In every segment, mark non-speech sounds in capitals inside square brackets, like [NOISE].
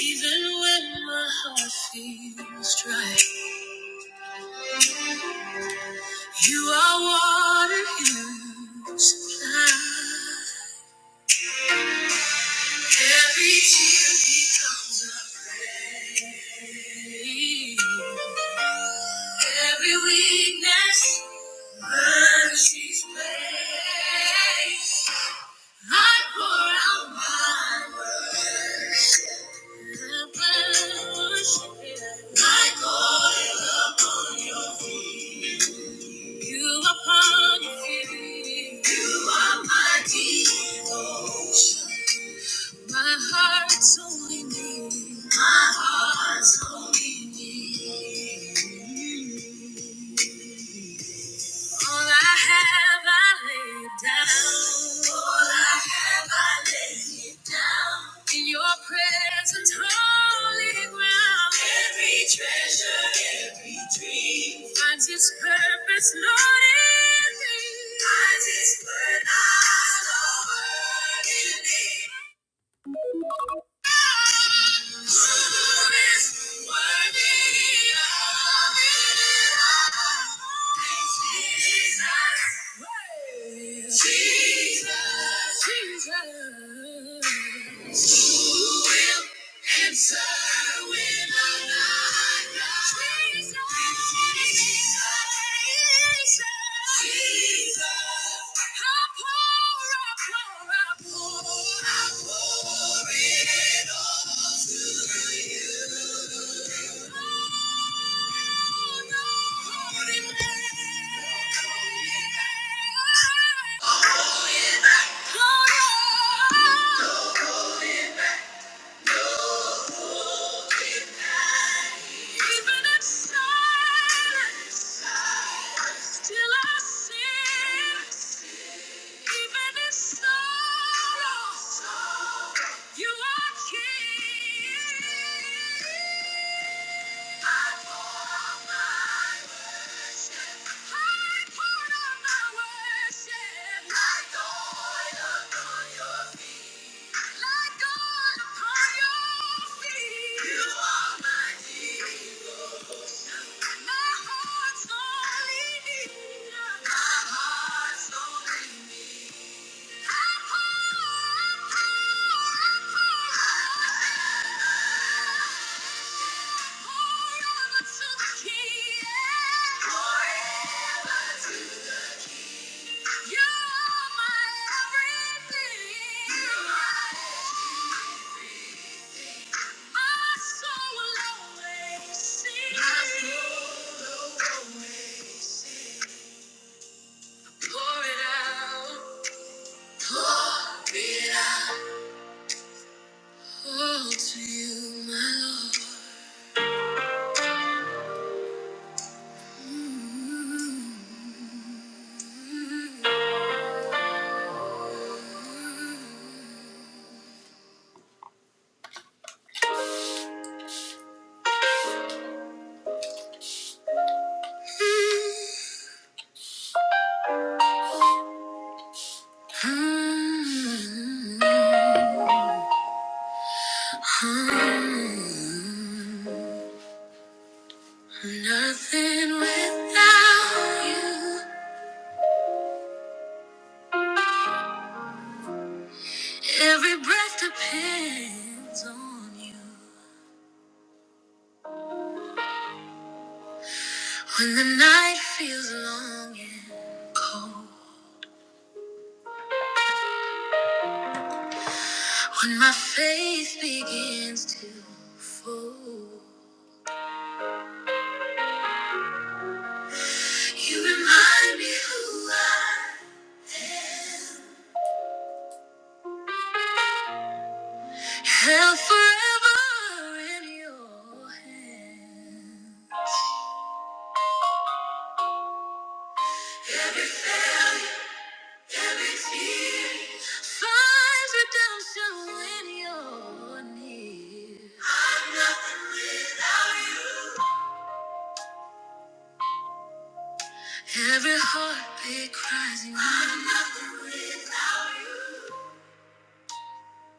Even when my heart feels dry, you are water in fire. Every tear becomes a rain. Every weakness, mercy's grace. I pour out my worship. I call it upon you. You are mighty. You are my devotion. My heart's only need. My heart's only need. All I have, I lay down. All I have, I lay it down. In your presence, holy ground. Every treasure, every dream finds its purpose, Lord, in me. Finds its purpose, Lord, in me. Jesus, Jesus. Oh, yeah. Like oil upon your feet. You are my everything. You are Nothing without you. Every breath depends on you. When the night feels long and cold, when my faith begins to fold, you remind me who I Held forever in your hand. Every tear finds redemption when you're near. I'm nothing without you. Every heartbeat cries you. I'm nothing without you.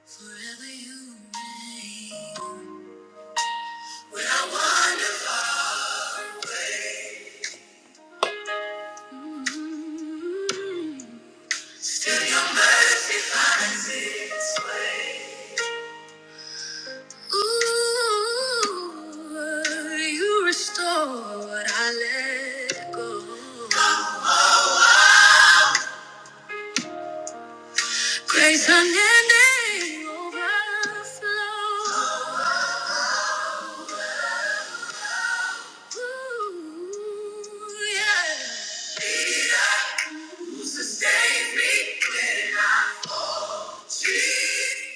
Forever you remain. Ooh, you restore what I let go. Grace unending overflow. Ooh, yeah.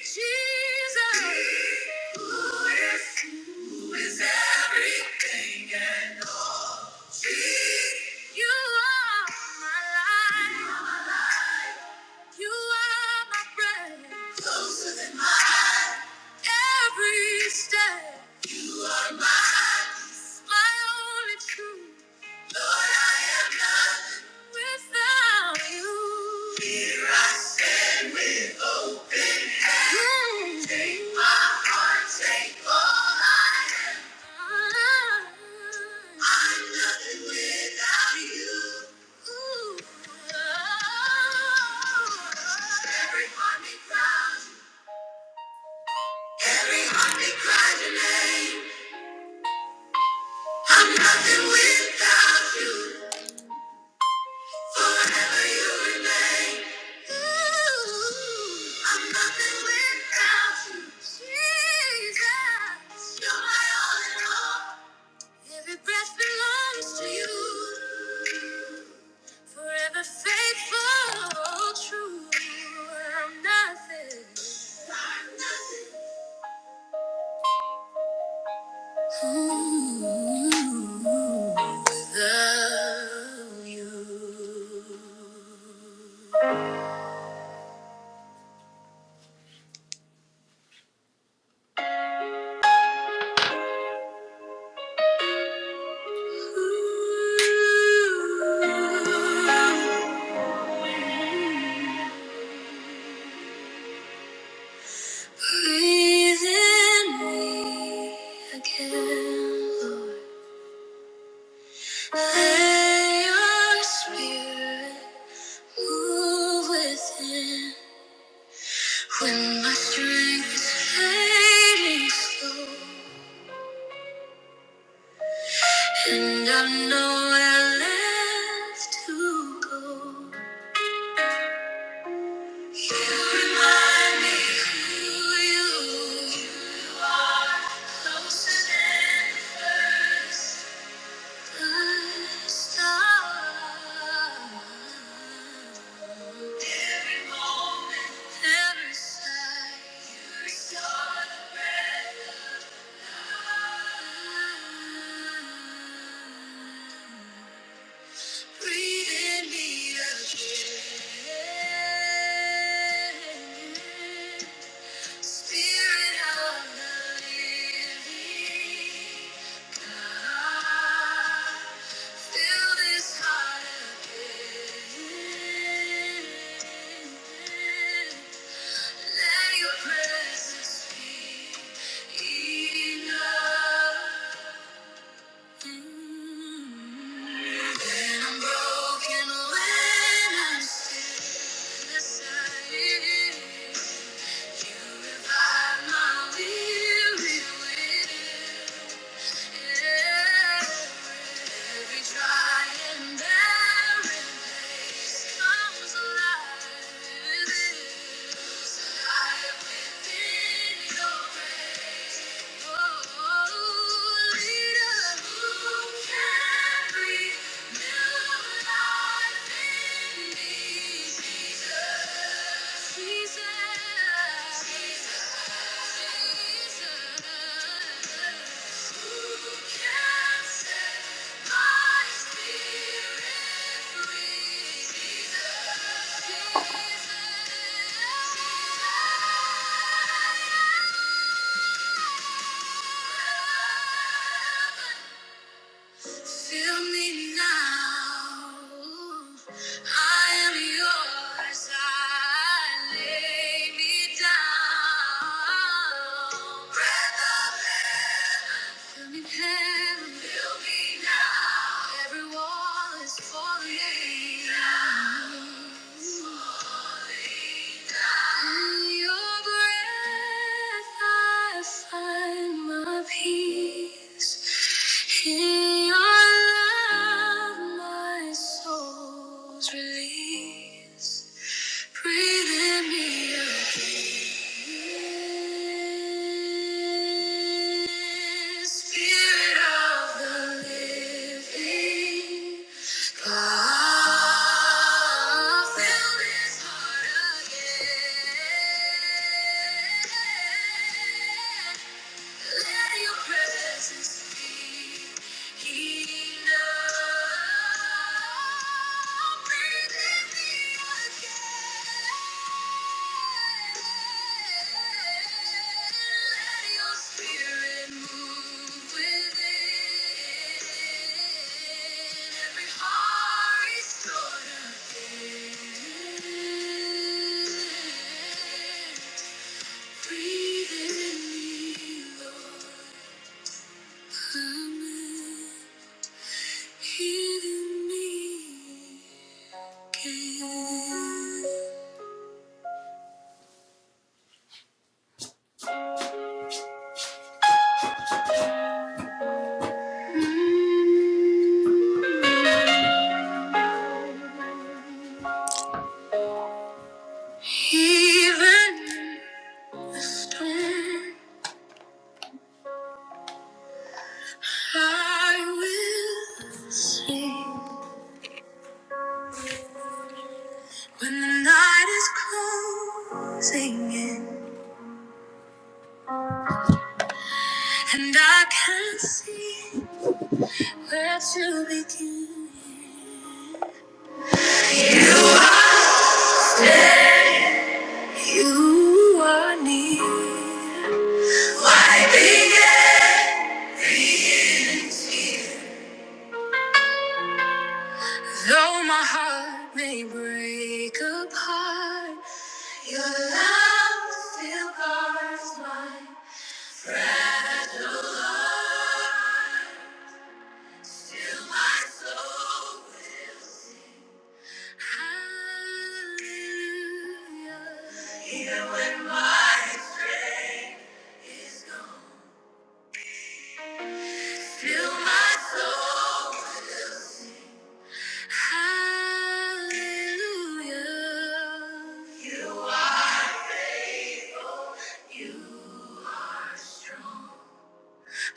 Jesus. You are my life. You are my friend. Closer than mine. Every step. You are mine. My only truth. Every heart that cries your name. I'm nothing without you. Forever you remain. I'm nothing without you, Jesus. You're my all in all. Every breath belongs to you. Forever faithful, true. I'm nothing. Ooh, without you. Breathe in me again, Lord. Let Your Spirit move within. When my strength is fading slow, and I've nowhere left to go. Breathe in me again. Spirit of the living God, fill this heart again. Let your presence be enough. When I'm broken, when I'm still aside. Oh, leader who can be? Jesus. Fill me now. I am yours. I lay me down. Breath of heaven. Fill me heaven. Fill me now. Every wall is falling. Down. Falling down. And your breath I find my peace. In your love, my soul's release. Breathe in me again. Spirit of the living again. Let your presence be enough. Breathe in me again. Let your spirit move within. Every heart restored again. Breathing in the storm, I will sing. When the night is closing in and I can't see where to begin. You are near. My beginning. Though my heart may break apart, your love still guards my fragile heart. Still my soul will sing. Hallelujah. Even when my strength is gone, still my soul. Hallelujah.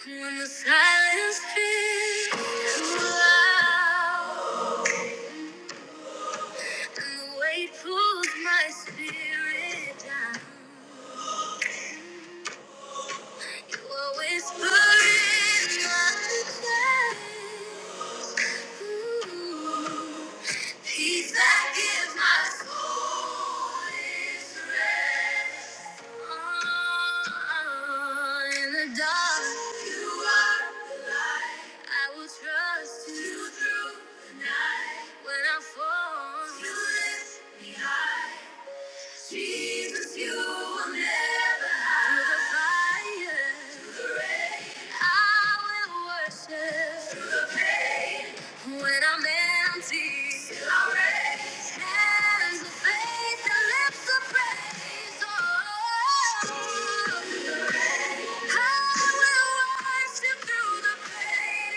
When the silence feels too loud and the weight pulls my spirit down, you are whispering my name. Ooh. Peace that gives my soul its rest. Oh, in the dark, you are. I will trust you through the night. When I fall, you lift me high. Jesus, you will never hide. Through the fire, through the rain, I will worship. Through the pain, when I'm empty, still I raise hands of faith and lips of praise. Oh, through the rain, I will worship through the pain.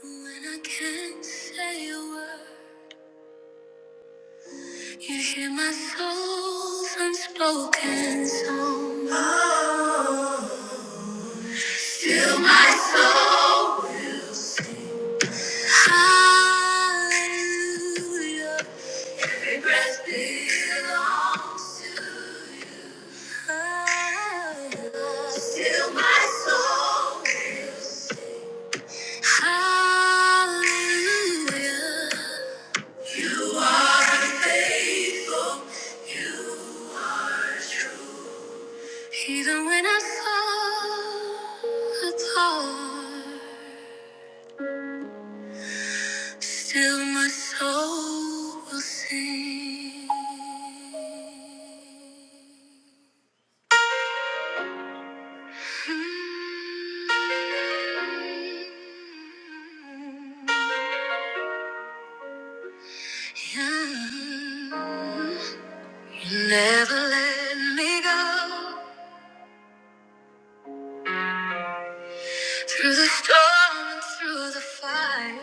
When I can't say a word. You hear my soul's unspoken song. Oh, Fill my soul. Hallelujah. Every breath belongs to you. Oh, Fill my soul. Hallelujah. You are faithful. You are true. Even when I fall apart, still my soul will sing. Mm-hmm. Yeah. You never let me go through the storm and through the fire.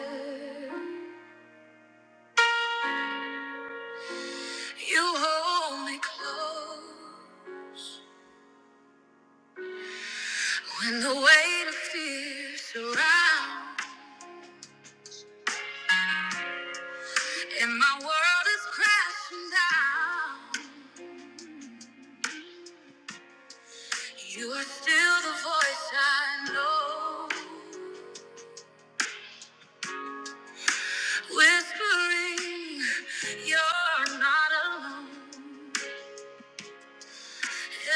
You hold me close. When the weight of fear surrounds and my world is crashing down, you are still the voice I know, whispering, You're not alone.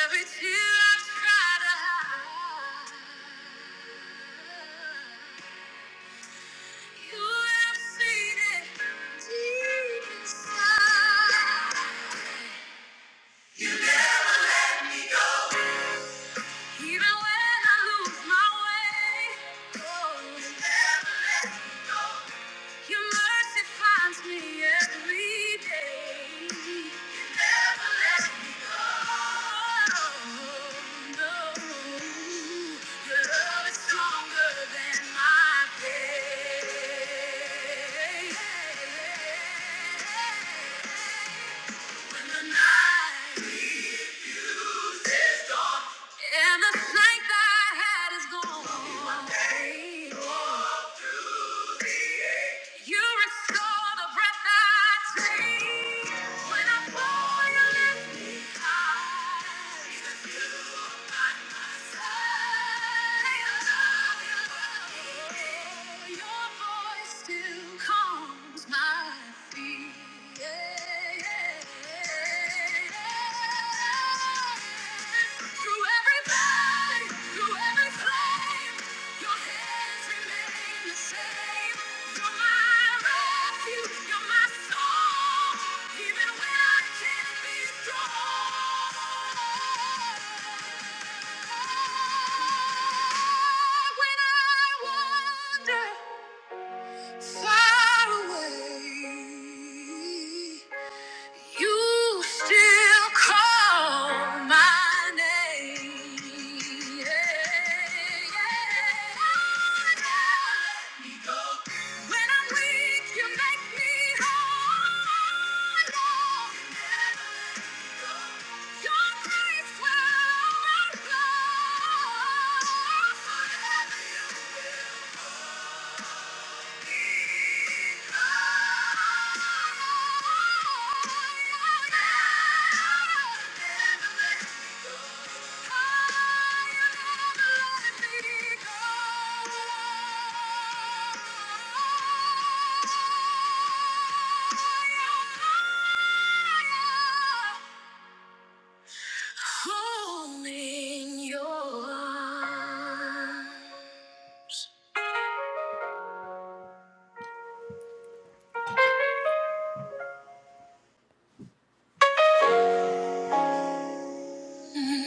Every tear I try to hide, you have seen it deep inside. Even when I lose my way, oh, your mercy finds me every day. You never let me go. No, your love is stronger than my pain. When the night and the strength I had is gone. You restore the breath I take. When I fall, you lift me high. Through every pain, through every flame, your hands remain the same. You're my refuge. You're my song. Even when I can't be strong. When I wander far away. You still call my name. Yeah, yeah. yeah. When I'm weak, you make me whole. Your grace will overflow. Holding your arms. Mm.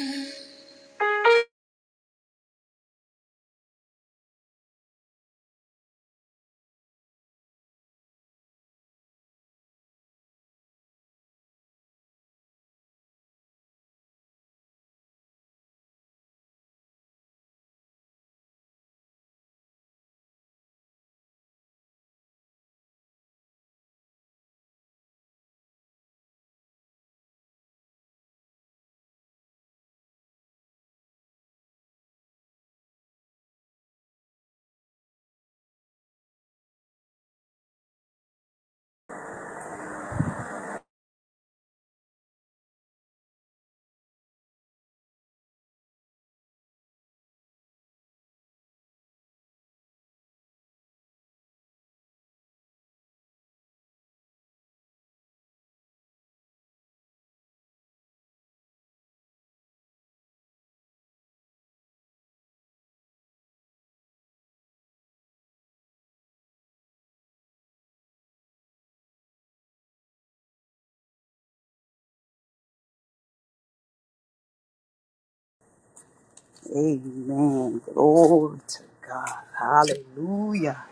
Amen. Glory to God. Hallelujah.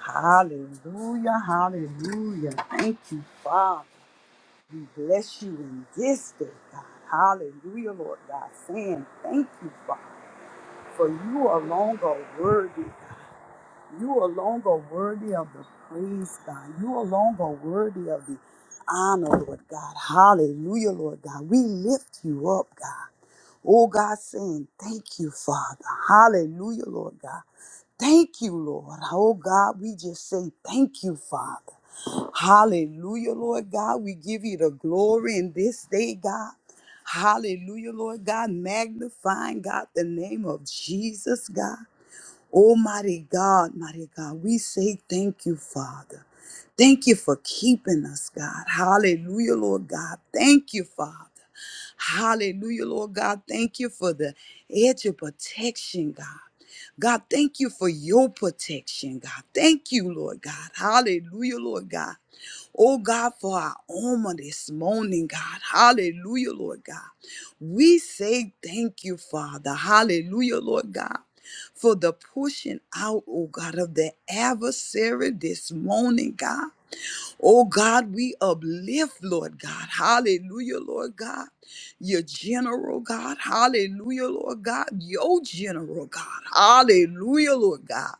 Hallelujah. Hallelujah. Thank you, Father. We bless you in this day, God. Hallelujah, Lord God. Saying thank you, Father, for you alone are worthy. You alone are worthy of the praise, God. You alone are worthy of the honor, Lord God. Hallelujah, Lord God. We lift you up, God. Oh, God, saying, Thank you, Father. Hallelujah, Lord God. Thank you, Lord. Oh, God, we just say, Thank you, Father. Hallelujah, Lord God. We give you the glory in this day, God. Hallelujah, Lord God. Magnifying, God, the name of Jesus, God. Oh, mighty God, mighty God, we say thank you, Father. Thank you for keeping us, God. Hallelujah, Lord God. Thank you, Father. Hallelujah, Lord God. Thank you for the edge of protection, God. God, thank you for your protection, God. Thank you, Lord God. Hallelujah, Lord God. Oh God, for our armor this morning, God. Hallelujah, Lord God. We say thank you, Father. Hallelujah, Lord God for the pushing out, oh God, of the adversary this morning, God. Oh God, we uplift, Lord God. Hallelujah, Lord God. Your general, God. Hallelujah, Lord God. Your general, God. Hallelujah, Lord God.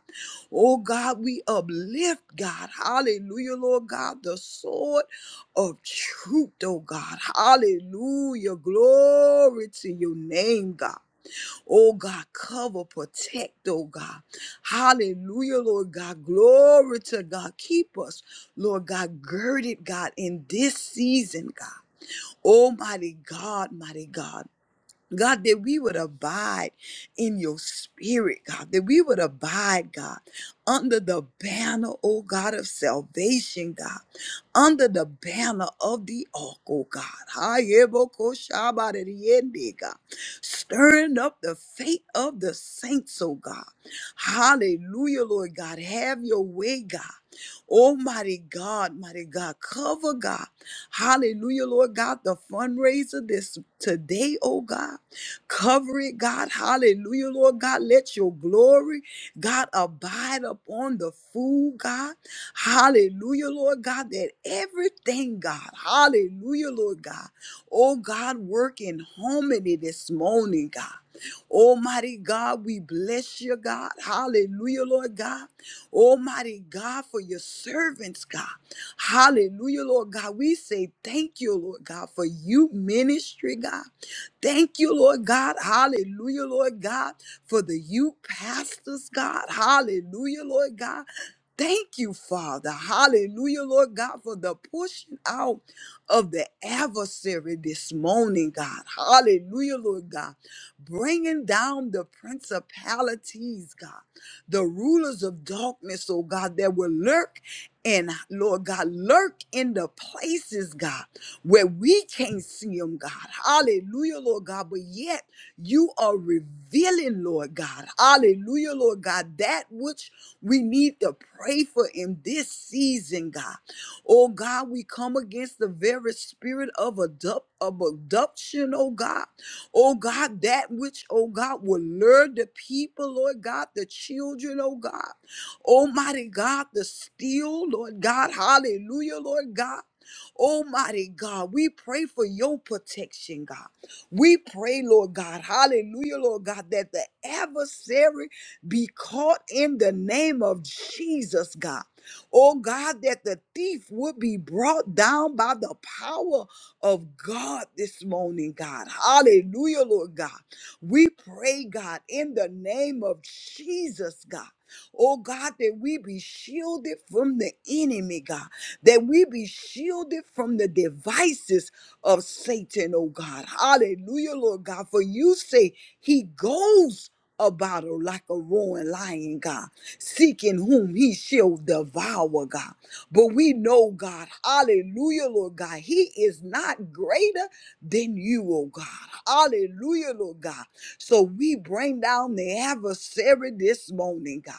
Oh God, we uplift, God. Hallelujah, Lord God. The sword of truth, oh God. Hallelujah. Glory to your name, God. Oh God, cover, protect, oh God. Hallelujah, Lord God. Glory to God. Keep us, Lord God, girded, God, in this season, God. Almighty God, mighty God. God, that we would abide in your spirit, God, that we would abide, God, under the banner, oh God, of salvation, God, under the banner of the ark, oh God. Hayebokoshabadadiende, God. Stirring up the faith of the saints, oh God. Hallelujah, Lord God. Have your way, God. Almighty God, mighty God, cover God. Hallelujah, Lord God, the fundraiser this today, oh God. Cover it, God. Hallelujah, Lord God. Let your glory, God, abide upon the food, God. Hallelujah, Lord God, that everything, God. Hallelujah, Lord God. Oh, God, work in harmony this morning, God. Almighty God, we bless you, God. Hallelujah, Lord God. Almighty God, for your servants, God. Hallelujah, Lord God. We say thank you, Lord God, for you ministry, God. Thank you, Lord God. Hallelujah, Lord God, for the youth pastors, God. Hallelujah, Lord God. Thank you, Father. Hallelujah, Lord God, for the pushing out of the adversary this morning, God. Hallelujah, Lord God. Bringing down the principalities, God, the rulers of darkness, oh God, that will lurk and, Lord God, lurk in the places, God where we can't see them, God. Hallelujah, Lord God. But yet you are revealing, Lord God. Hallelujah, Lord God, that which we need to pray for in this season, God. Oh God, we come against the very spirit of, abduct, of abduction, oh God. Oh God, that which, oh God, will lure the people, Lord God, the children, oh God. Almighty God, the steal, Lord God. Hallelujah, Lord God. Almighty God, we pray for your protection, God. We pray, Lord God, hallelujah, Lord God, that the adversary be caught in the name of Jesus, God. Oh God, that the thief would be brought down by the power of God this morning, God. Hallelujah, Lord God. We pray, God, in the name of Jesus, God. Oh God, that we be shielded from the enemy, God that we be shielded from the devices of Satan, oh God. Hallelujah, Lord God. For you say he goes about her like a roaring lion, God, seeking whom he shall devour, God. But we know, God, hallelujah, Lord God, he is not greater than you, oh God. Hallelujah, Lord God. So we bring down the adversary this morning, God.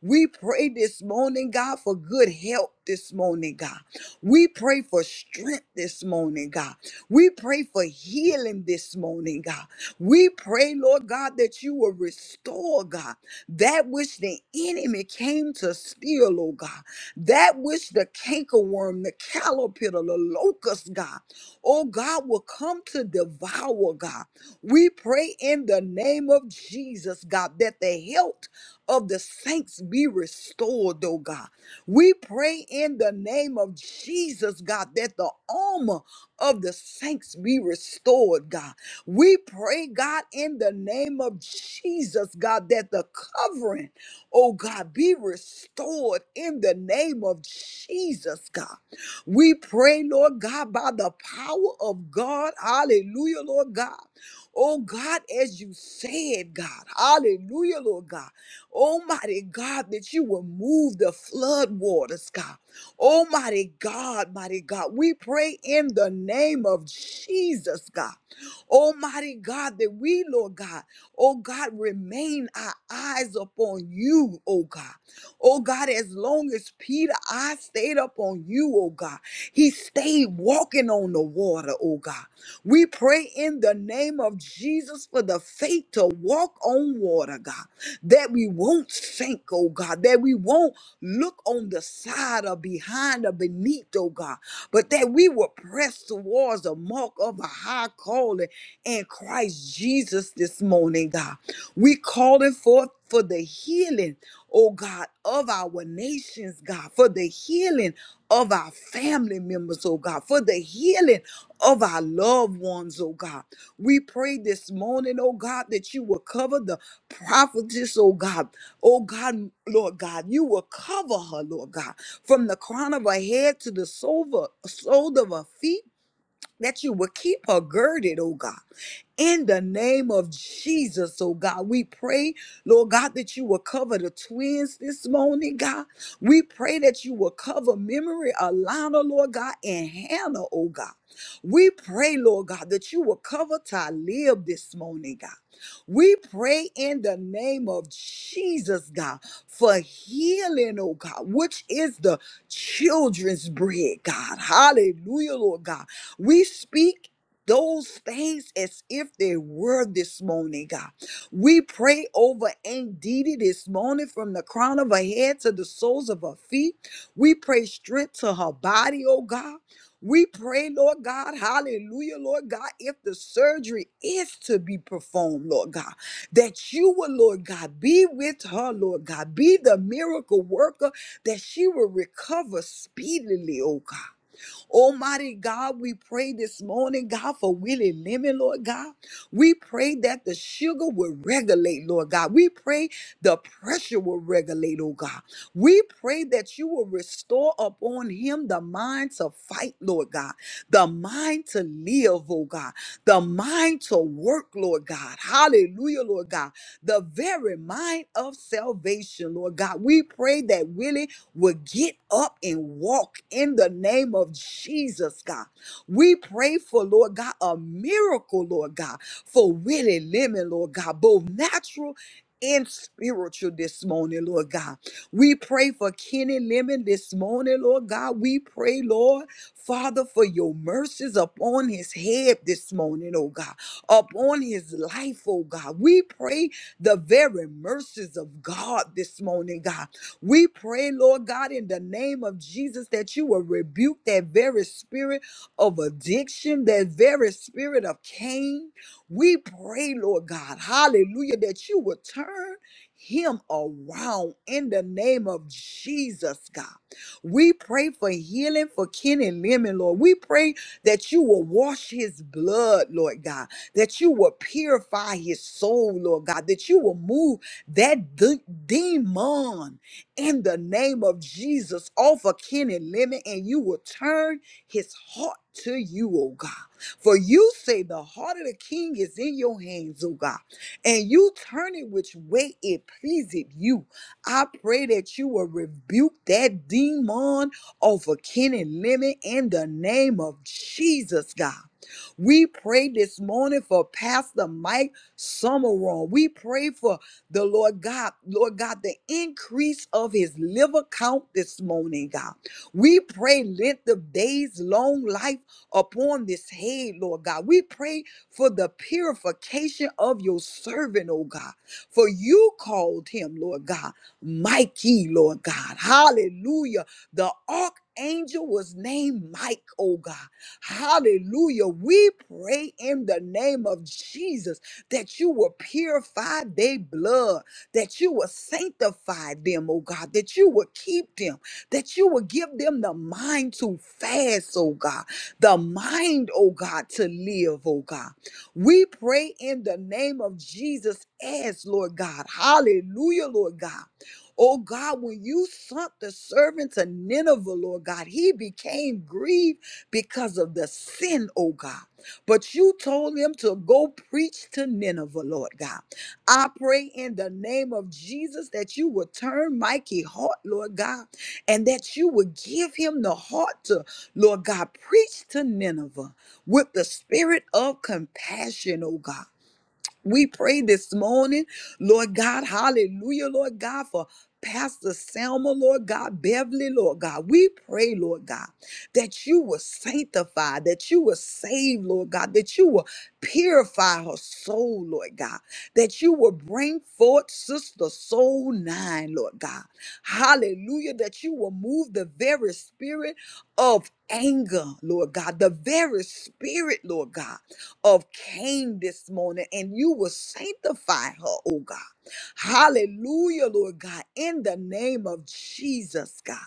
We pray this morning, God, for good health this morning, God. We pray for strength this morning, God. We pray for healing this morning, God. We pray, Lord God, that you will restore, God, that which the enemy came to steal, oh God. That which the cankerworm, the caterpillar, the locust, God, oh God, will come to devour, God. We pray in the name of Jesus, God, that the health of the saints be restored, oh God. We pray in the name of Jesus, God, that the armor of the saints be restored, God. We pray, God, in the name of Jesus, God, that the covering, oh God, be restored in the name of Jesus, God. We pray, Lord God, by the power of God. Hallelujah, Lord God. Oh God, as you said, God. Hallelujah, Lord God. Almighty God, that you will move the flood waters, God. Almighty God, mighty God, we pray in the name of Jesus, God. Almighty God, that we, Lord God, oh God, remain our eyes upon you, oh God. Oh God, as long as Peter, I stayed upon you, oh God. He stayed walking on the water, oh God. We pray in the name of Jesus for the faith to walk on water, God that we won't sink, oh God, that we won't look on the side or behind or beneath, oh God, but that we will press towards the mark of a high calling in Christ Jesus this morning, God. We calling forth for the healing, oh God, of our nations, God, for the healing of our family members, oh God, for the healing of our loved ones, oh God. We pray this morning, oh God, that you will cover the prophetess, oh God, oh God, Lord God, you will cover her, Lord God, from the crown of her head to the sole of her sole of her feet, that you will keep her girded, oh God. In the name of Jesus, oh God, we pray, Lord God, that you will cover the twins this morning, God. We pray that you will cover memory, Alana, Lord God, and Hannah, oh God. We pray, Lord God, that you will cover Talib this morning, God. We pray in the name of Jesus, God, for healing, oh God, which is the children's bread, God. Hallelujah, Lord God. We speak those things as if they were this morning, God. We pray over Aunt Didi this morning from the crown of her head to the soles of her feet. We pray strength to her body, oh God. We pray, Lord God, hallelujah, Lord God, if the surgery is to be performed, Lord God, that you will, Lord God, be with her, Lord God, be the miracle worker, that she will recover speedily, oh God. Almighty God, we pray this morning, God, for Willie Lemon, Lord God. We pray that the sugar will regulate, Lord God. We pray the pressure will regulate, oh God. We pray that you will restore upon him the mind to fight, Lord God, the mind to live, oh God, the mind to work, Lord God. Hallelujah, Lord God. The very mind of salvation, Lord God. We pray that Willie would get up and walk in the name of Jesus, God. We pray for, Lord God, a miracle, Lord God, for Willie Lemon, Lord God, both natural and spiritual this morning, Lord God. We pray for Kenny Lemon this morning, Lord God. We pray, Lord, Father, for your mercies upon his head this morning, oh God, upon his life, oh God. We pray the very mercies of God this morning, God. We pray, Lord God, in the name of Jesus, that you will rebuke that very spirit of addiction, that very spirit of Cain. We pray, Lord God, hallelujah, that you will turn him around in the name of Jesus, God. We pray for healing for Kenny Lemon, Lord. We pray that you will wash his blood, Lord God, that you will purify his soul, Lord God, that you will move that de- demon in the name of Jesus off of Kenny Lemon, and you will turn his heart to you, oh God. For you say the heart of the king is in your hands, oh God, and you turn it which way it pleaseth you. I pray that you will rebuke that demon off of Kenny Lemon in the name of Jesus, God. We pray this morning for Pastor Mike Summerall. We pray for the Lord God, Lord God, the increase of his liver count this morning, God. We pray, let the days long life upon this head, Lord God. We pray for the purification of your servant, oh God. For you called him, Lord God, Mikey, Lord God. Hallelujah. The archangel was named Mike, oh God. Hallelujah. We pray in the name of Jesus that you will purify their blood, that you will sanctify them, oh God, that you will keep them, that you will give them the mind to fast, oh God, the mind, oh God, to live, oh God. We pray in the name of Jesus as Lord God. Hallelujah, Lord God. Oh God, when you sent the servant to Nineveh, Lord God, he became grieved because of the sin, oh God. But you told them to go preach to Nineveh, Lord God. I pray in the name of Jesus that you will turn Mikey's heart, Lord God, and that you will give him the heart to, Lord God, preach to Nineveh with the spirit of compassion, oh God. We pray this morning, Lord God, hallelujah, Lord God, for Pastor Selma, Lord God, Beverly, Lord God. We pray, Lord God, that you will sanctify, that you will save, Lord God, that you will purify her soul, Lord God, that you will bring forth Sister Soul Nine, Lord God. Hallelujah, that you will move the very spirit of anger, Lord God, the very spirit, Lord God of Cain this morning, and you will sanctify her, oh God. Hallelujah, Lord God, in the name of Jesus, God.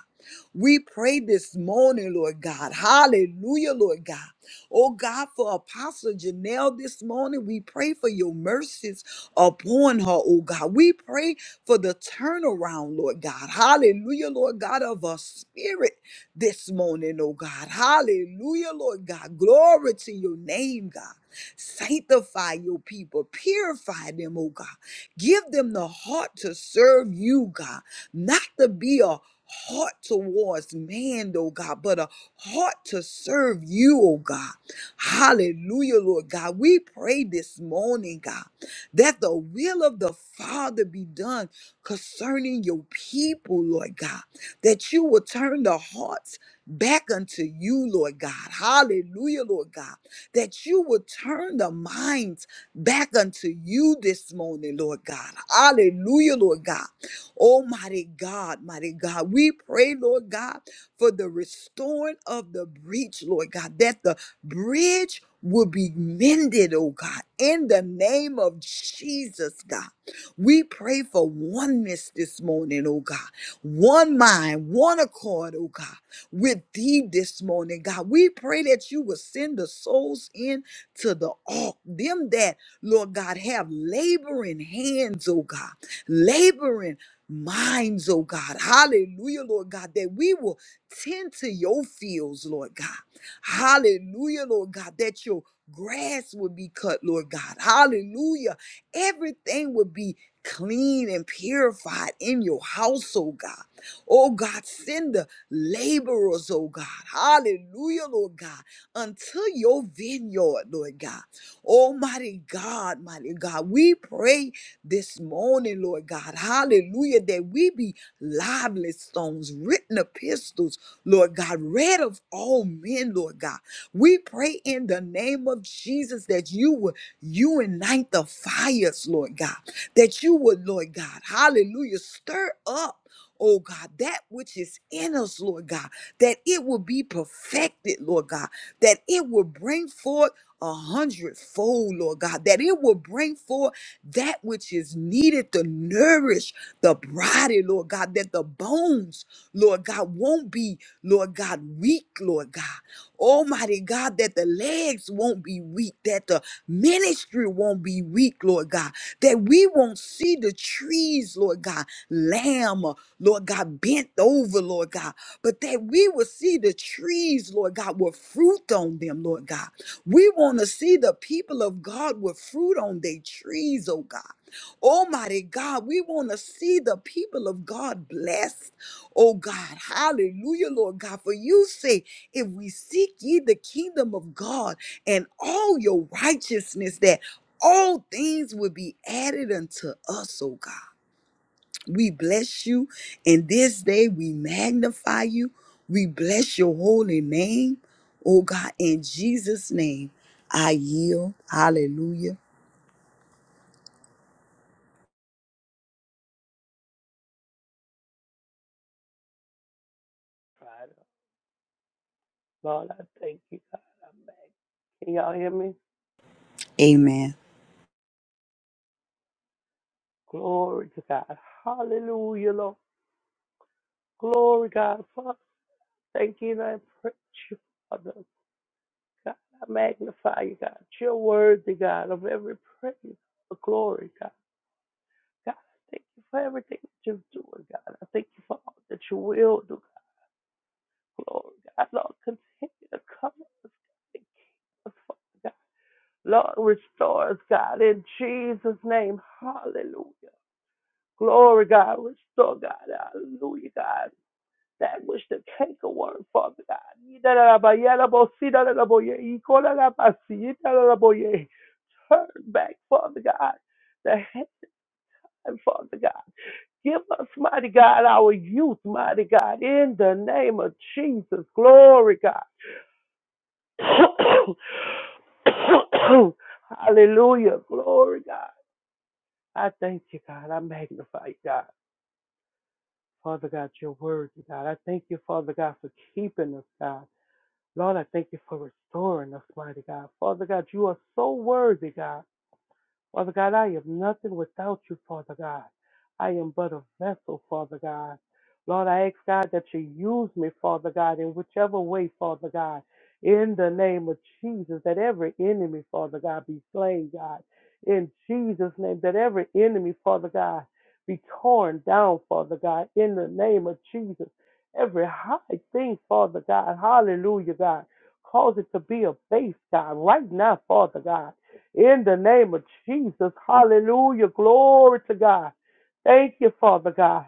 We pray this morning, Lord God. Hallelujah, Lord God. Oh God, for Apostle Janelle this morning, we pray for your mercies upon her, oh God. We pray for the turnaround, Lord God. Hallelujah, Lord God, of our spirit this morning, oh God. Hallelujah, Lord God. Glory to your name, God. Sanctify your people. Purify them, oh God. Give them the heart to serve you, God. Not to be a heart towards man, oh God, but a heart to serve you, oh God. Hallelujah, Lord God. We pray this morning, God, that the will of the Father be done concerning your people, Lord God, that you will turn the hearts back unto you, Lord God. Hallelujah, Lord God that you would turn the minds back unto you this morning, Lord God. Hallelujah, Lord God. Almighty God, mighty God. We pray, Lord God, for the restoring of the breach, Lord God, that the bridge will be mended, oh God, in the name of Jesus, God. We pray for oneness this morning, oh God. One mind, one accord, oh God with thee this morning, God. We pray that you will send the souls in to the ark, them that, Lord God, have laboring hands, oh God, laboring minds, oh God. Hallelujah, Lord God, that we will tend to your fields, Lord God. Hallelujah, Lord God, that your grass will be cut, Lord God. Hallelujah. Everything will be clean and purified in your house, oh God. Oh God, send the laborers, oh God. Hallelujah, Lord God. Until your vineyard, Lord God. Almighty God, mighty God. We pray this morning, Lord God. Hallelujah, that we be lively stones, written epistles, Lord God, read of all men, Lord God. We pray in the name of Jesus that you would unite the fires, Lord God, that you would, Lord God, hallelujah, stir up oh God, that which is in us, Lord God, that it will be perfected, Lord God, that it will bring forth a hundredfold, Lord God, that it will bring forth that which is needed to nourish the body, Lord God, that the bones, Lord God, won't be, Lord God, weak, Lord God. Almighty God, that the legs won't be weak, that the ministry won't be weak, Lord God, that we won't see the trees, Lord God, lamb. Lord God, bent over, Lord God, but that we will see the trees, Lord God, with fruit on them, Lord God. We want to see the people of God with fruit on their trees, oh God. Almighty God, we want to see the people of God blessed, oh God. Hallelujah, Lord God. For you say, if we seek ye the kingdom of God and all your righteousness, that all things will be added unto us, oh God. We bless you. And this day we magnify you. We bless your holy name. Oh God, in Jesus' name, I yield. Hallelujah. God. Lord, I thank you, God. I'm back. Can y'all hear me? Amen. Glory to God. Hallelujah, Lord. Glory, God. Father, thank you and I praise you, Father. God, I magnify you, God. You're worthy, God, of every praise, of glory, God. God, I thank you for everything that you're doing, God. I thank you for all that you will do, God. Glory, God. Lord, continue to come and keep us, Father, God. Lord, restore us, God, in Jesus' name. Hallelujah. Glory, God. Restore, God. Hallelujah, God. That which the cake of word, Father God. Turn back, Father God. The hand, Father God. Give us, mighty God, our youth, mighty God, in the name of Jesus. Glory, God. [COUGHS] Hallelujah. Glory, God. I thank you, God. I magnify you, God. Father God, your word, God. I thank you, Father God, for keeping us, God. Lord, I thank you for restoring us, mighty God. Father God, you are so worthy, God. Father God, I am nothing without you, Father God. I am but a vessel, Father God. Lord, I ask God that you use me, Father God, in whichever way, Father God, in the name of Jesus, that every enemy, Father God, be slain, God. In Jesus' name, that every enemy, Father God, be torn down, Father God, in the name of Jesus. Every high thing, Father God, hallelujah, God, cause it to be a base, God, right now, Father God. In the name of Jesus. Hallelujah. Glory to God. Thank you, Father God.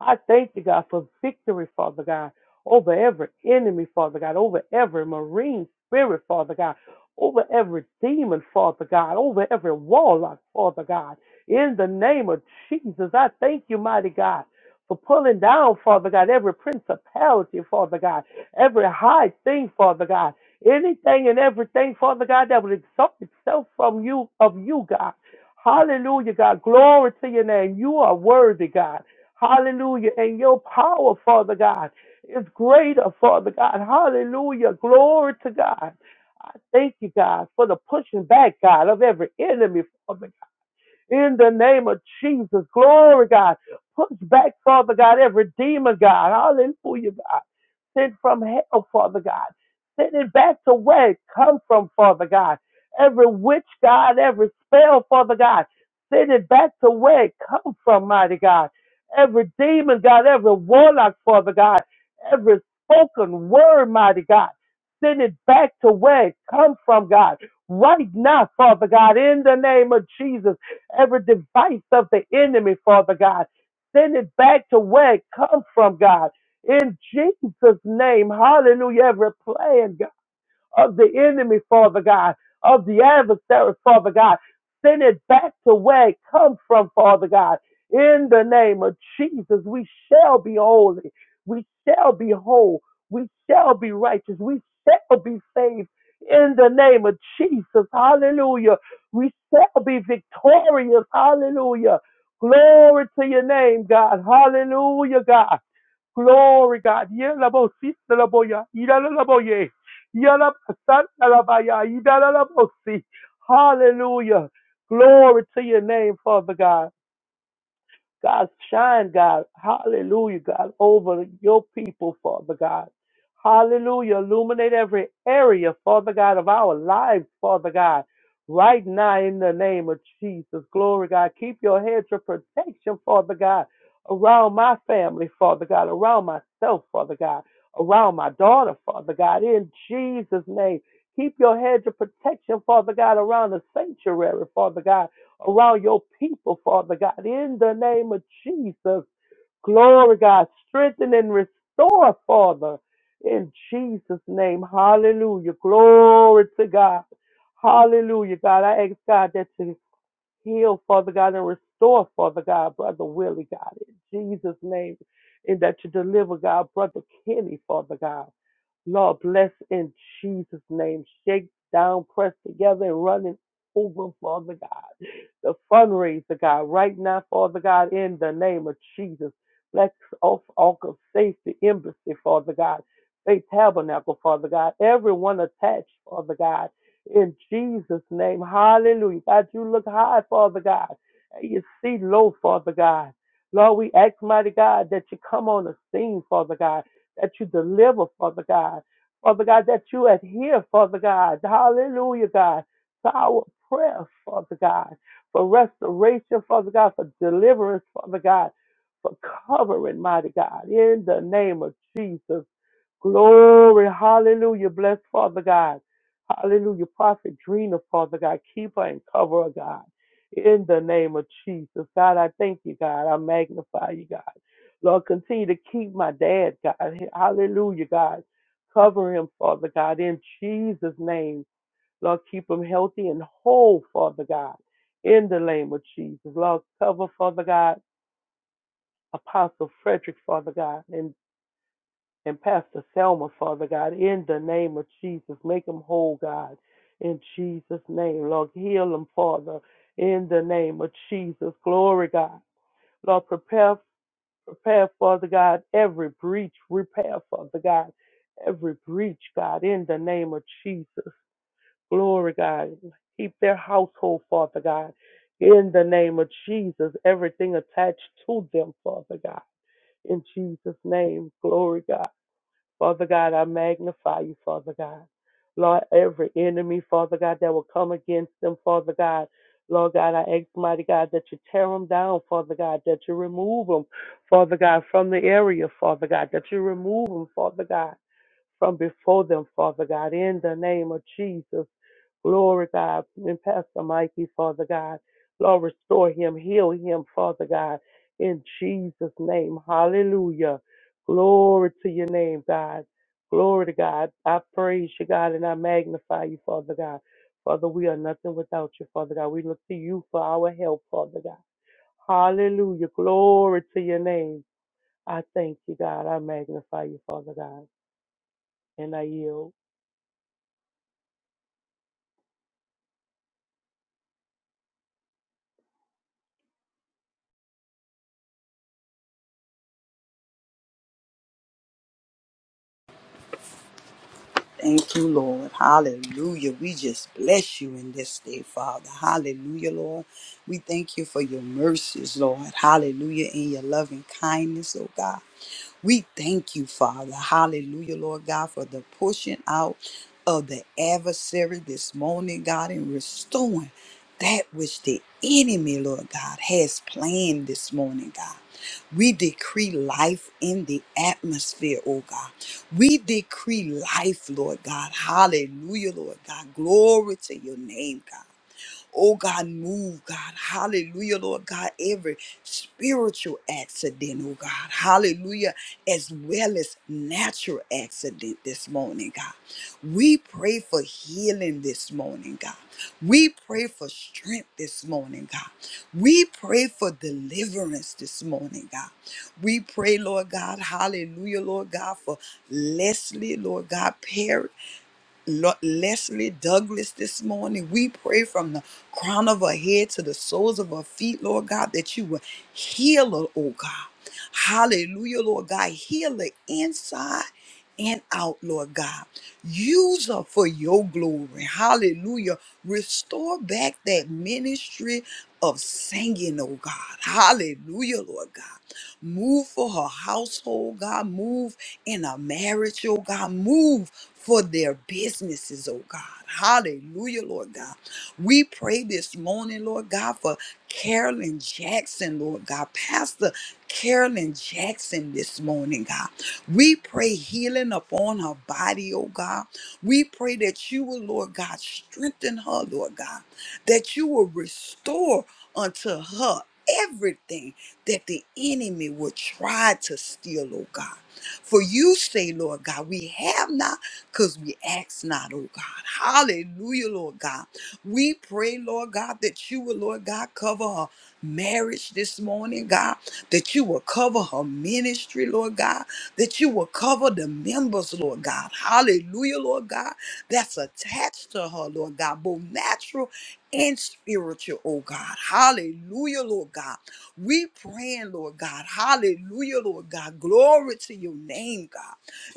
I thank you, God, for victory, Father God, over every enemy, Father God, over every marine spirit, Father God, over every demon, Father God, over every warlock, Father God. In the name of Jesus, I thank you, mighty God, for pulling down, Father God, every principality, Father God, every high thing, Father God anything and everything, Father God, that would exalt itself from you, of you, God. Hallelujah, God. Glory to your name. You are worthy, God. Hallelujah. And your power, Father God, is greater, Father God. Hallelujah. Glory to God. I thank you, God, for the pushing back, God, of every enemy, Father in the name of Jesus. Glory, God. Push back, Father God, every demon, God. Hallelujah, God. Sent from hell, Father God. Send it back to where it come from, Father God. Every witch, God, every spell, Father God. Send it back to where it come from, mighty God. Every demon, God, every warlock, Father God. Every spoken word, mighty God. Send it back to where it come from, God right now, Father God, in the name of Jesus every device of the enemy, Father God. Send it back to where it comes from, God. In Jesus' name, hallelujah, every plan, of the enemy, Father God, of the adversary, Father God. Send it back to where it comes from, Father God. In the name of Jesus, we shall be holy. We shall be whole. We shall be righteous. We shall be saved. In the name of Jesus, hallelujah. We shall be victorious, hallelujah. Glory to your name, God. Hallelujah, God. Glory, God. Yelabosi, Laboya, Idalaboye, Yalabasan, Alabaya, Idalabosi. Hallelujah. Glory to your name, Father God. God, shine, God. Hallelujah, God, over your people, Father God. Hallelujah. Illuminate every area, Father God, of our lives, Father God. Right now, in the name of Jesus. Glory, God. Keep your hedge of protection, Father God, around my family, Father God, around myself, Father God, around my daughter, Father God, in Jesus' name. Keep your hedge of protection, Father God, around the sanctuary, Father God around your people, Father God, in the name of Jesus. Glory, God, strengthen and restore, Father, in Jesus' name. Hallelujah. Glory to God. Hallelujah, God. I ask God that you heal, Father God, and restore, Father God, Brother Willie, God, in Jesus' name, and that you deliver, God, Brother Kenny, Father God. Lord, bless in Jesus' name. Shake down, press together, and running over, Father God. The fundraiser, God, right now, Father God, in the name of Jesus. Bless all, all of safety, embassy, Father God. Faith tabernacle, Father God. Everyone attached, Father God. In Jesus' name. Hallelujah. God, you look high, Father God. And you see low, Father God. Lord, we ask, mighty God, that you come on the scene, Father God that you deliver, Father God. Father God, that you adhere, Father God. Hallelujah, God, to our prayer, Father God, for restoration, Father God, for deliverance, Father God, for covering, mighty God, in the name of Jesus. Glory. Hallelujah. Bless Father God. Hallelujah. Prophet Drina, Father God. Keep her and cover her, God. In the name of Jesus. God, I thank you, God. I magnify you, God. Lord, continue to keep my dad, God. Hallelujah, God. Cover him, Father God. In Jesus' name. Lord, keep him healthy and whole, Father God. In the name of Jesus. Lord, cover, Father God. Apostle Frederick, Father God. and and Pastor Selma, Father God, in the name of Jesus. Make them whole, God, in Jesus' name. Lord, heal them, Father, in the name of Jesus. Glory, God. Lord, prepare, prepare, Father God, every breach. Repair, Father God, every breach, God, in the name of Jesus. Glory, God. Keep their household, Father God, in the name of Jesus. Everything attached to them, Father God, in Jesus' name. Glory, God. Father God, I magnify you, Father God. Lord, every enemy, Father God, that will come against them, Father God. Lord God, I ask, mighty God, that you tear them down, Father God, that you remove them, Father God, from the area, Father God, that you remove them, Father God, from before them, Father God, in the name of Jesus. Glory, God. And Pastor Mikey, Father God. Lord, restore him, heal him, Father God. In Jesus' name. Hallelujah. Glory to your name, God. Glory to God. I praise you, God, and I magnify you, Father God. Father, we are nothing without you, Father God. We look to you for our help, Father God. Hallelujah. Glory to your name. I thank you, God. I magnify you, Father God. And I yield. Thank you, Lord. Hallelujah. We just bless you in this day, Father. Hallelujah, Lord. We thank you for your mercies, Lord. Hallelujah. And your loving kindness, oh God. We thank you, Father. Hallelujah, Lord God, for the pushing out of the adversary this morning, God, and restoring that which the enemy, Lord God, has planned this morning, God. We decree life in the atmosphere, oh God. We decree life, Lord God. Hallelujah, Lord God. Glory to your name, God. Oh God, move, God. Hallelujah, Lord God. Every spiritual accident, oh God. Hallelujah, as well as natural accident this morning, God. We pray for healing this morning, God. We pray for strength this morning, God. We pray for deliverance this morning, God. We pray, Lord God, hallelujah, Lord God, for Leslie, Lord God, Perry. Lo- Leslie Douglas this morning. We pray from the crown of her head to the soles of her feet, Lord God, that you will heal her, oh God. Hallelujah, Lord God. Heal her inside and out, Lord God. Use her for your glory. Hallelujah. Restore back that ministry of singing, oh God. Hallelujah, Lord God. Move for her household, God. Move in her marriage, oh God. Move for their businesses, oh God. Hallelujah, Lord God. We pray this morning, Lord God, for Carolyn Jackson, Lord God, Pastor Carolyn Jackson this morning, God. We pray healing upon her body, oh God. We pray that you will, Lord God, strengthen her, Lord God, that you will restore unto her everything that the enemy will try to steal, oh God. For you say, Lord God, we have not because we ask not, oh God. Hallelujah, Lord God. We pray, Lord God, that you will, Lord God, cover her marriage this morning, God, that you will cover her ministry, Lord God, that you will cover the members, Lord God. Hallelujah, Lord God, that's attached to her, Lord God, both natural and spiritual, oh God. Hallelujah, Lord God. We praying, Lord God. Hallelujah, Lord God. Glory to your name, God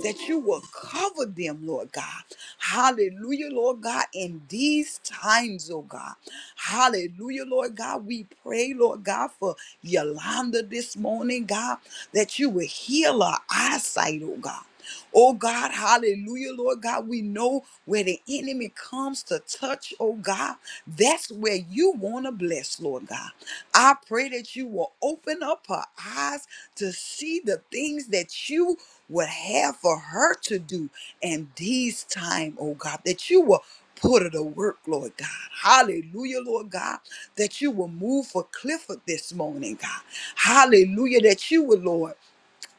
that you will cover them, Lord God. Hallelujah, Lord God, in these times, oh God. Hallelujah, Lord God. We pray, Lord God, for Yolanda this morning, God, that you will heal her eyesight, oh God. Oh God, hallelujah, Lord God. We know where the enemy comes to touch, oh God. That's where you want to bless, Lord God. I pray that you will open up her eyes to see the things that you would have for her to do in these time, oh God, that you will put her to work, Lord God. Hallelujah, Lord God, that you will move for Clifford this morning, God. Hallelujah, that you will, Lord,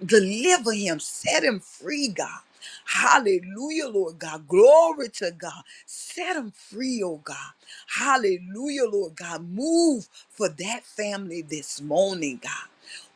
deliver him, set him free, God. Hallelujah, Lord God. Glory to God. Set him free, oh God. Hallelujah, Lord God. Move for that family this morning, God.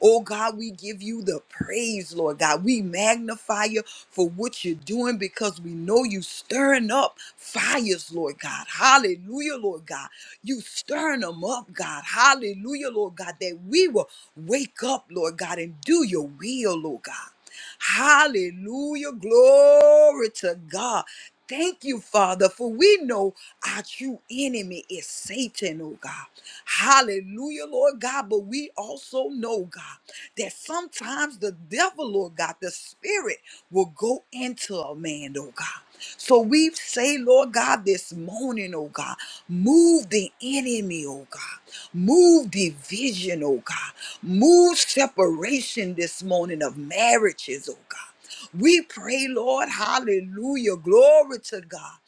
Oh God, we give you the praise, Lord God. We magnify you for what you're doing because we know you stirring up fires, Lord God. Hallelujah, Lord God. You stirring them up, God. Hallelujah, Lord God, that we will wake up, Lord God, and do your will, Lord God. Hallelujah. Glory to God. Thank you, Father, for we know our true enemy is Satan, oh God. Hallelujah, Lord God. But we also know, God, that sometimes the devil, Lord God, spirit will go into a man, oh God. So we say, Lord God, this morning, oh God, move the enemy, oh God. Move division, oh God. Move separation this morning of marriages, oh God. We pray, Lord, hallelujah, glory to God.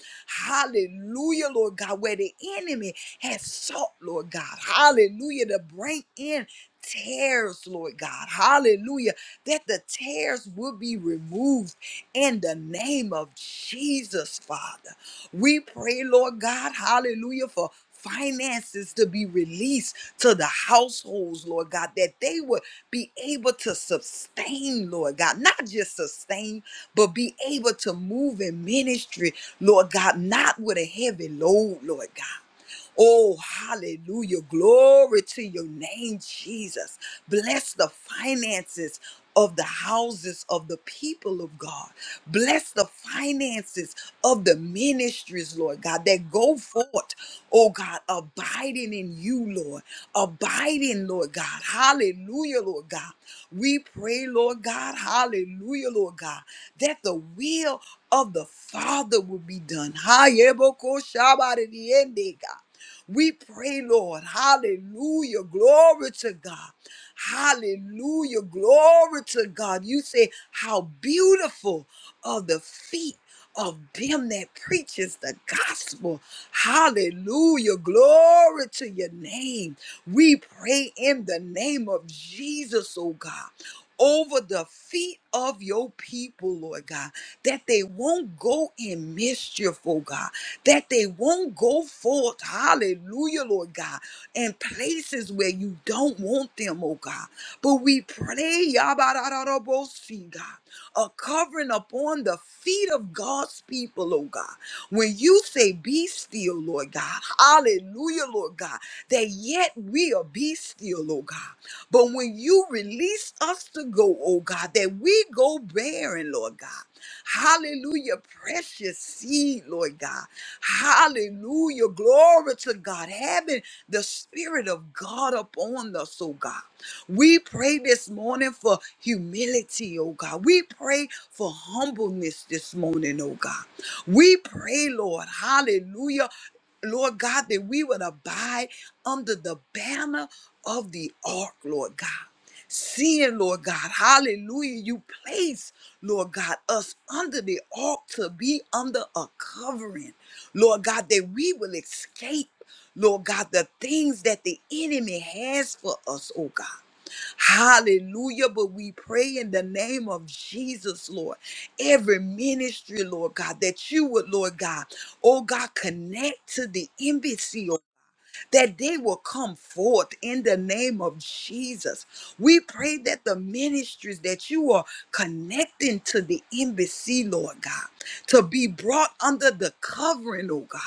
Hallelujah, Lord God, where the enemy has sought, Lord God, hallelujah, to bring in tears, Lord God, hallelujah that the tears will be removed in the name of Jesus, Father. We pray, Lord God, hallelujah, for finances to be released to the households, Lord God, that they would be able to sustain, Lord God, not just sustain, but be able to move in ministry, Lord God, not with a heavy load, Lord God. Oh, hallelujah. Glory to your name, Jesus. Bless the finances of the houses of the people of God. Bless the finances of the ministries, Lord God, that go forth, oh God, abiding in you, Lord. Abiding, Lord God. Hallelujah, Lord God. We pray, Lord God, hallelujah, Lord God, that the will of the Father will be done. Hayeboko shabaridiende, God. We pray, Lord. Hallelujah. Glory to God. Hallelujah. Glory to God. You say, How beautiful are the feet of them that preaches the gospel. Hallelujah. Glory to your name. We pray in the name of Jesus, oh God over the feet of your people, Lord God, that they won't go in mischief, oh God, that they won't go forth, hallelujah, Lord God, in places where you don't want them, oh God. But we pray, Yabararabosi, God, a covering upon the feet of God's people, oh God. When you say, Be still, Lord God, hallelujah, Lord God, that yet we'll be still, oh God. But when you release us to go, oh God, that we go bearing, Lord God. Hallelujah, precious seed, Lord God. Hallelujah, glory to God. Having the Spirit of God upon us, oh God. We pray this morning for humility, oh God. We pray for humbleness this morning, oh God. We pray, Lord, hallelujah, Lord God, that we would abide under the banner of the ark, Lord God. Seeing, Lord God, hallelujah, you place, Lord God, us under the ark to be under a covering, Lord God, that we will escape, Lord God, the things that the enemy has for us, oh God. Hallelujah. But we pray in the name of Jesus, Lord. Every ministry, Lord God, that you would, Lord God, oh God, connect to the embassy, oh, that they will come forth in the name of Jesus. We pray that the ministries that you are connecting to the embassy, Lord God, to be brought under the covering, oh God.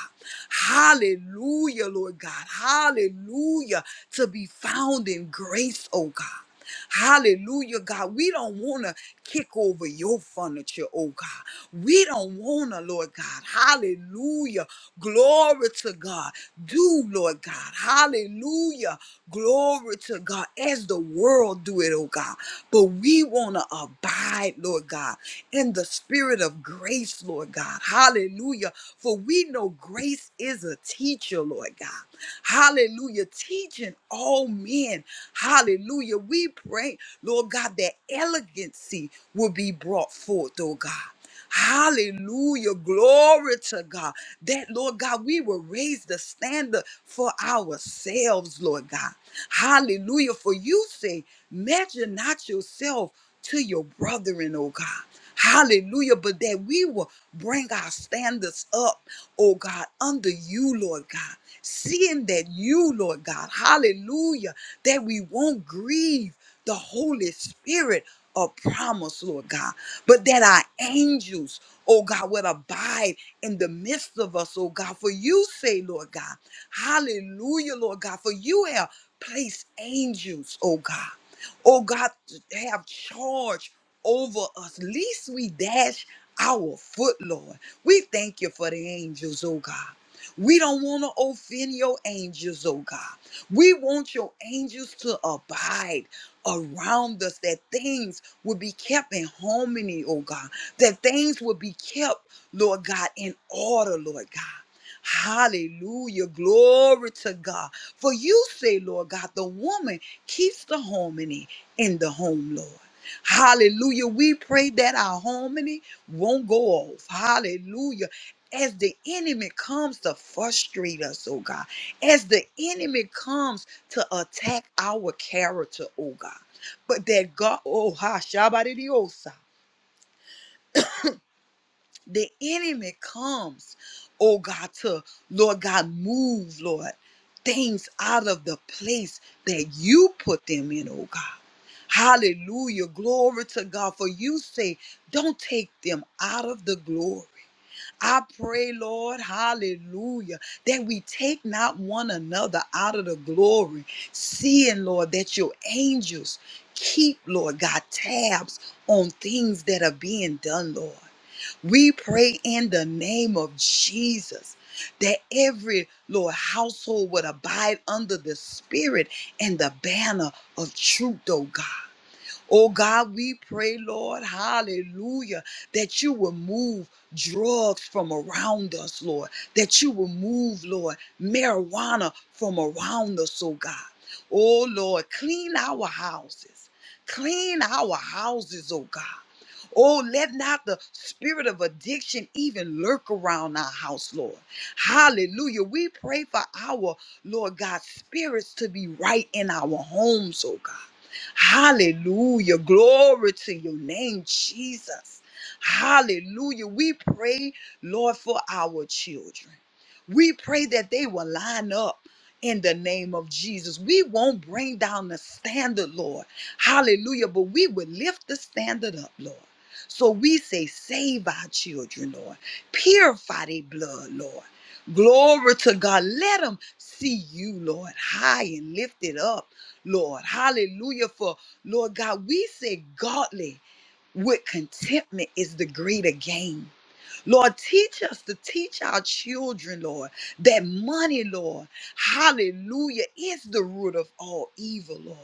Hallelujah, Lord God. Hallelujah. To be found in grace, oh God. Hallelujah, God. We don't want to kick over your furniture, oh God. We don't want to, Lord God. Hallelujah. Glory to God. Do, Lord God. Hallelujah. Glory to God as the world do it, oh God. But we want to abide, Lord God, in the spirit of grace, Lord God. Hallelujah. For we know grace is a teacher, your Lord God. Hallelujah. Teaching all men. Hallelujah. We pray, Lord God, that elegancy will be brought forth, oh God. Hallelujah. Glory to God. That, Lord God, we will raise the standard for ourselves, Lord God. Hallelujah. For you say, measure not yourself to your brethren, oh God. Hallelujah. But that we will bring our standards up, oh God, under you, Lord God. Seeing that you, Lord God, hallelujah, that we won't grieve the Holy Spirit of promise, Lord God, but that our angels, oh God, would abide in the midst of us, oh God. For you say, Lord God, hallelujah, Lord God, for you have placed angels, oh God. Oh God, have charge over us, lest we dash our foot, Lord. We thank you for the angels, oh God. We don't want to offend your angels, oh God. We want your angels to abide around us, that things would be kept in harmony, oh God, that things would be kept, Lord God, in order, Lord God. Hallelujah. Glory to God. For you say, Lord God, the woman keeps the harmony in the home, Lord. Hallelujah. We pray that our harmony won't go off. Hallelujah. As the enemy comes to frustrate us, oh God, as the enemy comes to attack our character, oh God, but that God, oh, ha, shabadidiosa the enemy comes, oh God, to Lord God, move, Lord, things out of the place that you put them in, oh God. Hallelujah. Glory to God. For you say, don't take them out of the glory. I pray, Lord, hallelujah, that we take not one another out of the glory, seeing, Lord, that your angels keep, Lord God, tabs on things that are being done, Lord. We pray in the name of Jesus that every Lord household would abide under the spirit and the banner of truth, oh God. Oh God, we pray, Lord, hallelujah, that you will move drugs from around us, Lord, that you will move, Lord, marijuana from around us, oh God. Oh Lord, clean our houses. Clean our houses, oh God. Oh, let not the spirit of addiction even lurk around our house, Lord. Hallelujah. We pray for our, Lord God, spirits to be right in our homes, oh God. Hallelujah. Glory to your name, Jesus. Hallelujah. We pray, Lord, for our children. We pray that they will line up in the name of Jesus. We won't bring down the standard, Lord. Hallelujah. But we will lift the standard up, Lord. So we say, save our children, Lord. Purify their blood, Lord. Glory to God. Let them see you, Lord, high and lifted up Lord. Hallelujah. For Lord God, we say godly with contentment is the greater gain. Lord, teach us to teach our children, Lord, that money, Lord, hallelujah, is the root of all evil, Lord.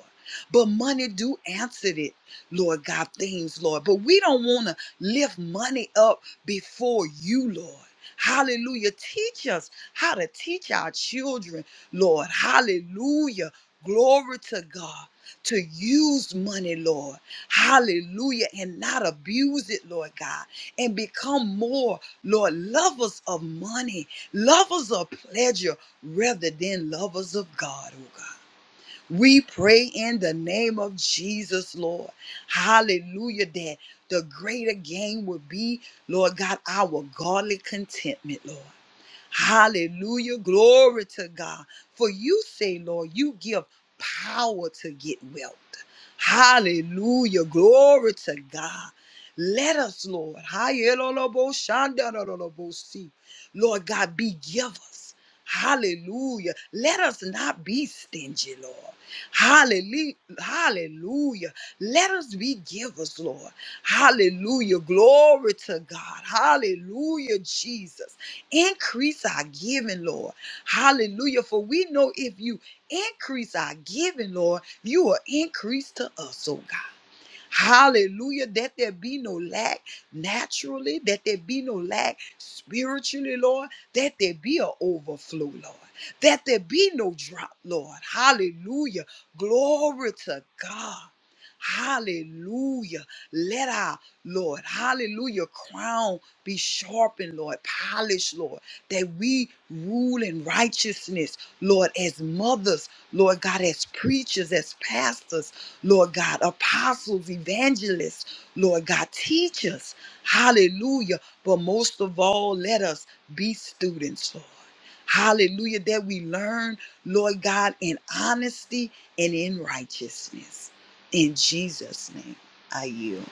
But money do answer it, Lord God, things, Lord. But we don't want to lift money up before you, Lord. Hallelujah. Teach us how to teach our children, Lord. Hallelujah. Glory to God. To use money, Lord. Hallelujah. And not abuse it, Lord God and become more, Lord, lovers of money, lovers of pleasure, rather than lovers of God, oh God. We pray in the name of Jesus, Lord. Hallelujah, that the greater gain would be, Lord God, our godly contentment, Lord. Hallelujah. Glory to God. For you say, Lord, you give power to get wealth. Hallelujah. Glory to God. Let us, Lord, Hayelolobo shandarolobo see. Lord God, be givers. Hallelujah. Let us not be stingy, Lord. Hallelujah. Hallelujah. Let us be givers, Lord. Hallelujah. Glory to God. Hallelujah, Jesus. Increase our giving, Lord. Hallelujah. For we know if you increase our giving, Lord, you will increase to us, oh God. Hallelujah. That there be no lack naturally, that there be no lack spiritually, Lord, that there be an overflow, Lord, that there be no drop, Lord. Hallelujah. Glory to God. Hallelujah. Let our, Lord, hallelujah, crown be sharpened, Lord, polished, Lord, that we rule in righteousness, Lord, as mothers, Lord God, as preachers, as pastors, Lord God, apostles, evangelists, Lord God, teachers, hallelujah. But most of all, let us be students, Lord. Hallelujah, that we learn, Lord God, in honesty and in righteousness. In Jesus' name. I yield.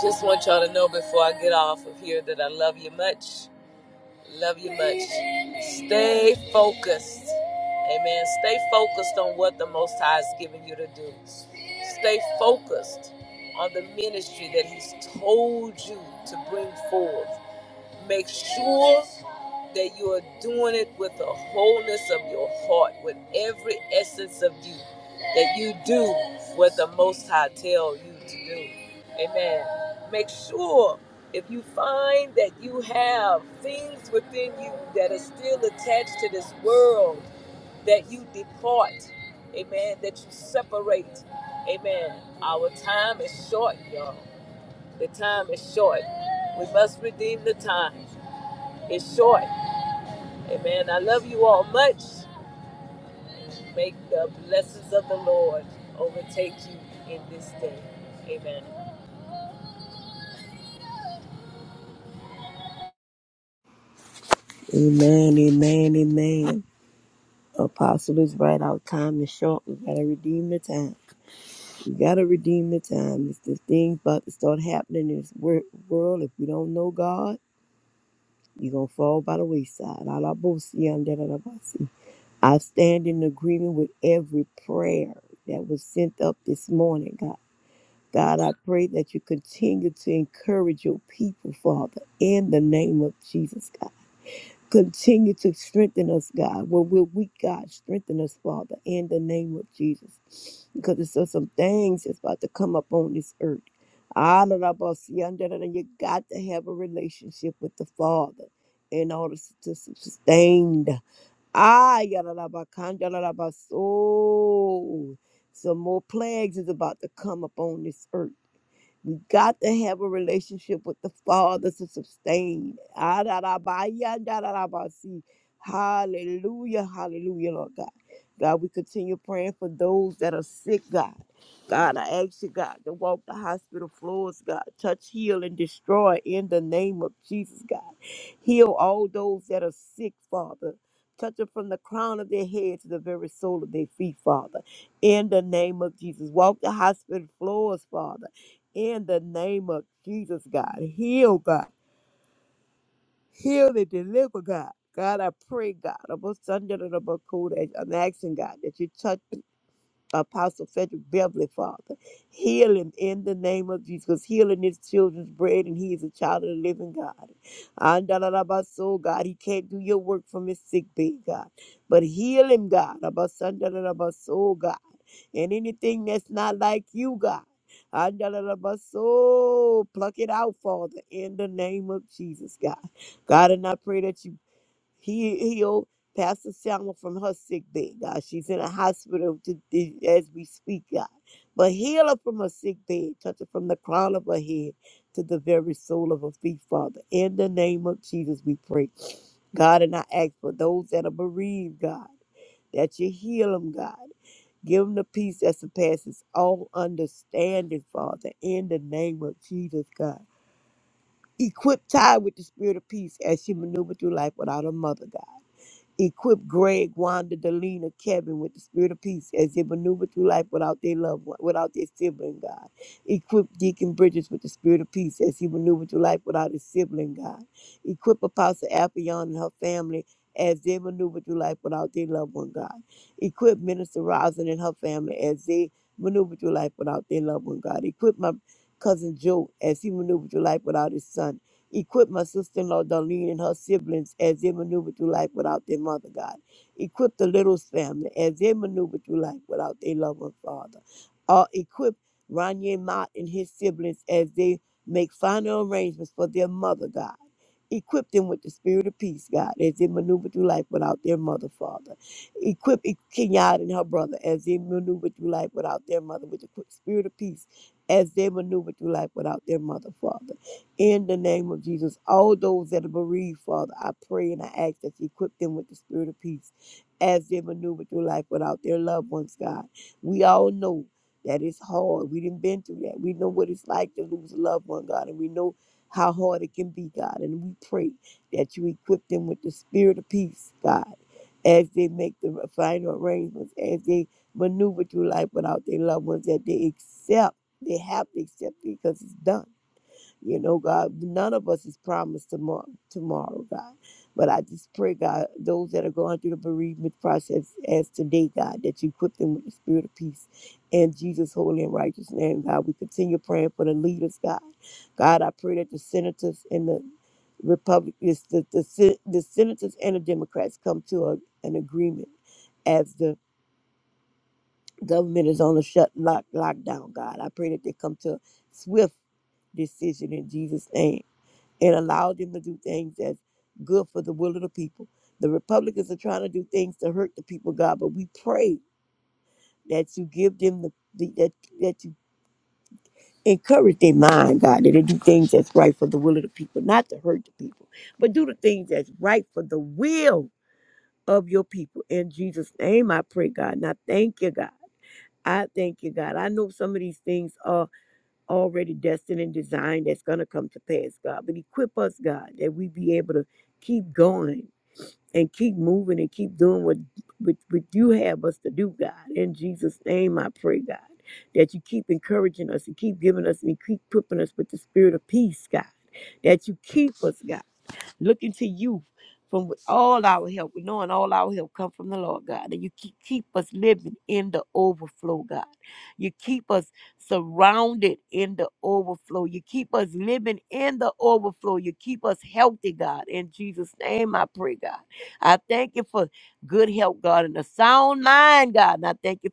Just want y'all to know before I get off of here that I love you much. Love you much. Stay focused. Amen. Stay focused on what the Most High is giving you to do. Stay focused on the ministry that He's told you to bring forth. Make sure that you are doing it with the wholeness of your heart, with every essence of you, that you do what the Most High tells you to do. Amen. Make sure if you find that you have things within you that are still attached to this world, that you depart. Amen. That you separate. Amen. Our time is short, y'all. The time is short. We must redeem the time. It's short. Amen. I love you all much. Make the blessings of the Lord overtake you in this day. Amen. Amen, amen, amen. Apostle is right. Our time is short. We gotta redeem the time. We gotta redeem the time. If this thing's about to start happening in this wor- world, if you don't know God, you're gonna fall by the wayside. Alabosi, andalalabasi. I stand in agreement with every prayer that was sent up this morning, God. God, I pray that you continue to encourage your people, Father, in the name of Jesus, God. Continue to strengthen us, God. Where we're weak, God, strengthen us, Father, in the name of Jesus. Because there's still some things that's about to come up on this earth. Ah, da, da, ba, si, ah, da, da, da. You got to have a relationship with the Father in order to sustain. the- Ah, ya, da, da, ba, kan, da, da, da, ba, so. Some more plagues is about to come up on this earth. We got to have a relationship with the Father to sustain. Adarabaya, darabasi. Hallelujah, hallelujah, Lord God. God, we continue praying for those that are sick, God. God, I ask you, God, to walk the hospital floors, God. Touch, heal, and destroy in the name of Jesus, God. Heal all those that are sick, Father. Touch them from the crown of their head to the very sole of their feet, Father. In the name of Jesus. Walk the hospital floors, Father in the name of Jesus, God. Heal, God. Heal and deliver, God. God, I pray, God, I'm asking, God, that you touch. Apostle Frederick Beverly, Father. Heal him in the name of Jesus, because healing is children's bread, and he is a child of the living God. Andalabaso, God, he can't do your work from his sick bed, God. But heal him, God. Abasandalabaso, God. And anything that's not like you, God. Andalabaso, pluck it out, Father, in the name of Jesus, God. God, and I pray that you he healed Pastor Selma from her sick bed, God. She's in a hospital to, to- as we speak, God. But heal her from her sick bed, touch her from the crown of her head to the very soul of her feet, Father. In the name of Jesus, we pray. God, and I ask for those that are bereaved, God, that you heal them, God. Give them the peace that surpasses all understanding, Father, in the name of Jesus, God. Equip Ty with the spirit of peace as she maneuvered through life without a mother, God. Equip Greg, Wanda, Delina, Kevin with the spirit of peace as they maneuver through life without their loved one, without their sibling, God. Equip Deacon Bridges with the spirit of peace as he maneuvers through life without his sibling, God. Equip Apostle Appion and her family as they maneuver through life without their loved one, God. Equip Minister Rosin and her family as they maneuver through life without their loved one, God. Equip my cousin Joe as he maneuvers through life without his son. Equip my sister-in-law Darlene and her siblings as they maneuver through life without their mother, God. Equip the Little's family as they maneuver through life without their loving father. Uh, equip Ronye Mott and his siblings as they make final arrangements for their mother, God. Equip them with the spirit of peace, God, as they maneuver through life without their mother, Father. Equip E- Kenyatta and her brother as they maneuver through life without their mother with the qu- spirit of peace as they maneuver through life without their mother, Father. In the name of Jesus, all those that are bereaved, Father, I pray and I ask that you equip them with the spirit of peace as they maneuver through life without their loved ones, God. We all know that it's hard. We didn't been through that. We know what it's like to lose a loved one, God, and we know how hard it can be, God. And we pray that you equip them with the spirit of peace, God, as they make the final arrangements, as they maneuver through life without their loved ones, that they accept, they have to accept it because it's done you know, God, none of us is promised tomorrow, tomorrow, God. But I just pray, God, those that are going through the bereavement process as today, God, that you equip them with the spirit of peace. In Jesus' holy and righteous name, God, we continue praying for the leaders, God. God, I pray that the senators and the Republic, the, the, sen- the senators and the Democrats come to a, an agreement as the government is on a shut lock, lockdown, God. I pray that they come to a swift decision in Jesus' name. It allowed them to do things that's good for the will of the people. The Republicans are trying to do things to hurt the people, God, but we pray that you give them the, the that that you encourage their mind, God, that they do things that's right for the will of the people, not to hurt the people, but do the things that's right for the will of your people. In Jesus' name, I pray, God. Now, thank you, God. I thank you, God. I know some of these things are already destined and designed that's going to come to pass, God. But equip us, God, that we be able to keep going and keep moving and keep doing what, what, what you have us to do, God. In Jesus' name, I pray, God, that you keep encouraging us and keep giving us and keep equipping us with the spirit of peace, God. That you keep us, God looking to you from with all our help. We knowing all our help come from the Lord God. And you keep, keep us living in the overflow, God. You keep us surrounded in the overflow. You keep us living in the overflow. You keep us healthy, God. In Jesus' name, I pray, God. I thank you for good health, God, and a sound mind, God. And I thank you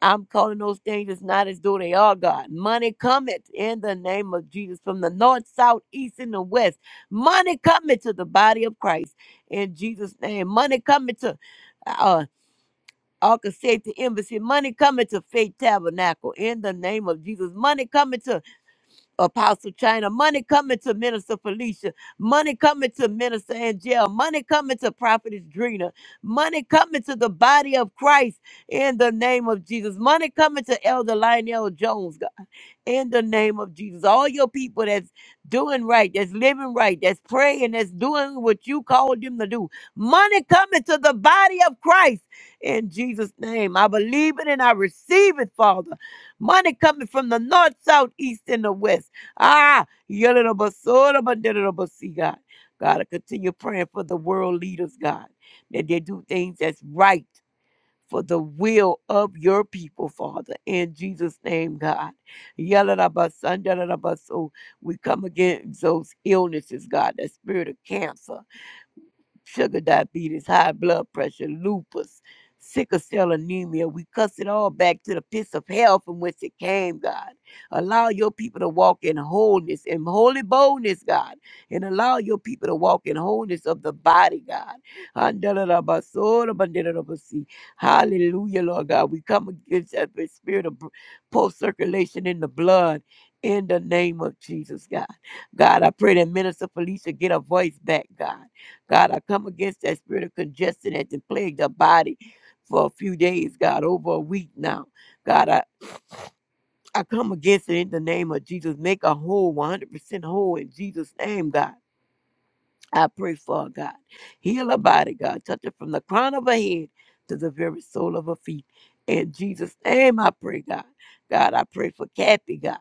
I'm calling those things as not as though they are God. Money cometh in the name of Jesus from the north, south, east, and the west. Money cometh to the body of Christ in Jesus' name. Money cometh to uh Arca Safety Embassy. Money coming to Faith Tabernacle in the name of Jesus. Money coming to Apostle China, money coming to Minister Felicia, money coming to Minister Angel, money coming to Prophetess Drina, money coming to the body of Christ in the name of Jesus, money coming to Elder Lionel Jones, God, in the name of Jesus. All your people that's doing right, that's living right, that's praying, that's doing what you called them to do, money coming to the body of Christ in Jesus' name. I believe it and I receive it, Father. Money coming from the north, south, east, and the west Ah, yadadabasorabandadadabasi, God. God, I continue praying for the world leaders, God, that they do things that's right for the will of your people, Father. In Jesus' name, God. Yadadabasan, dadadabaso. We come against those illnesses, God, that spirit of cancer sugar diabetes, high blood pressure, lupus, sickle cell anemia. We cuss it all back to the pits of hell from which it came, God. Allow your people to walk in wholeness and holy boldness, God. And allow your people to walk in wholeness of the body, God. Andalabasodabandidabasi. Hallelujah, Lord God. We come against every spirit of post circulation in the blood. In the name of Jesus, God. God, I pray that Minister Felicia get her voice back, God. God, I come against that spirit of congestion that has plagued the body for a few days, God, over a week now. God, I, I come against it in the name of Jesus. Make a whole, 100% whole in Jesus' name, God. I pray for her, God. Heal her body, God. Touch her from the crown of her head to the very sole of her feet. In Jesus' name, I pray, God. God, I pray for Kathy, God.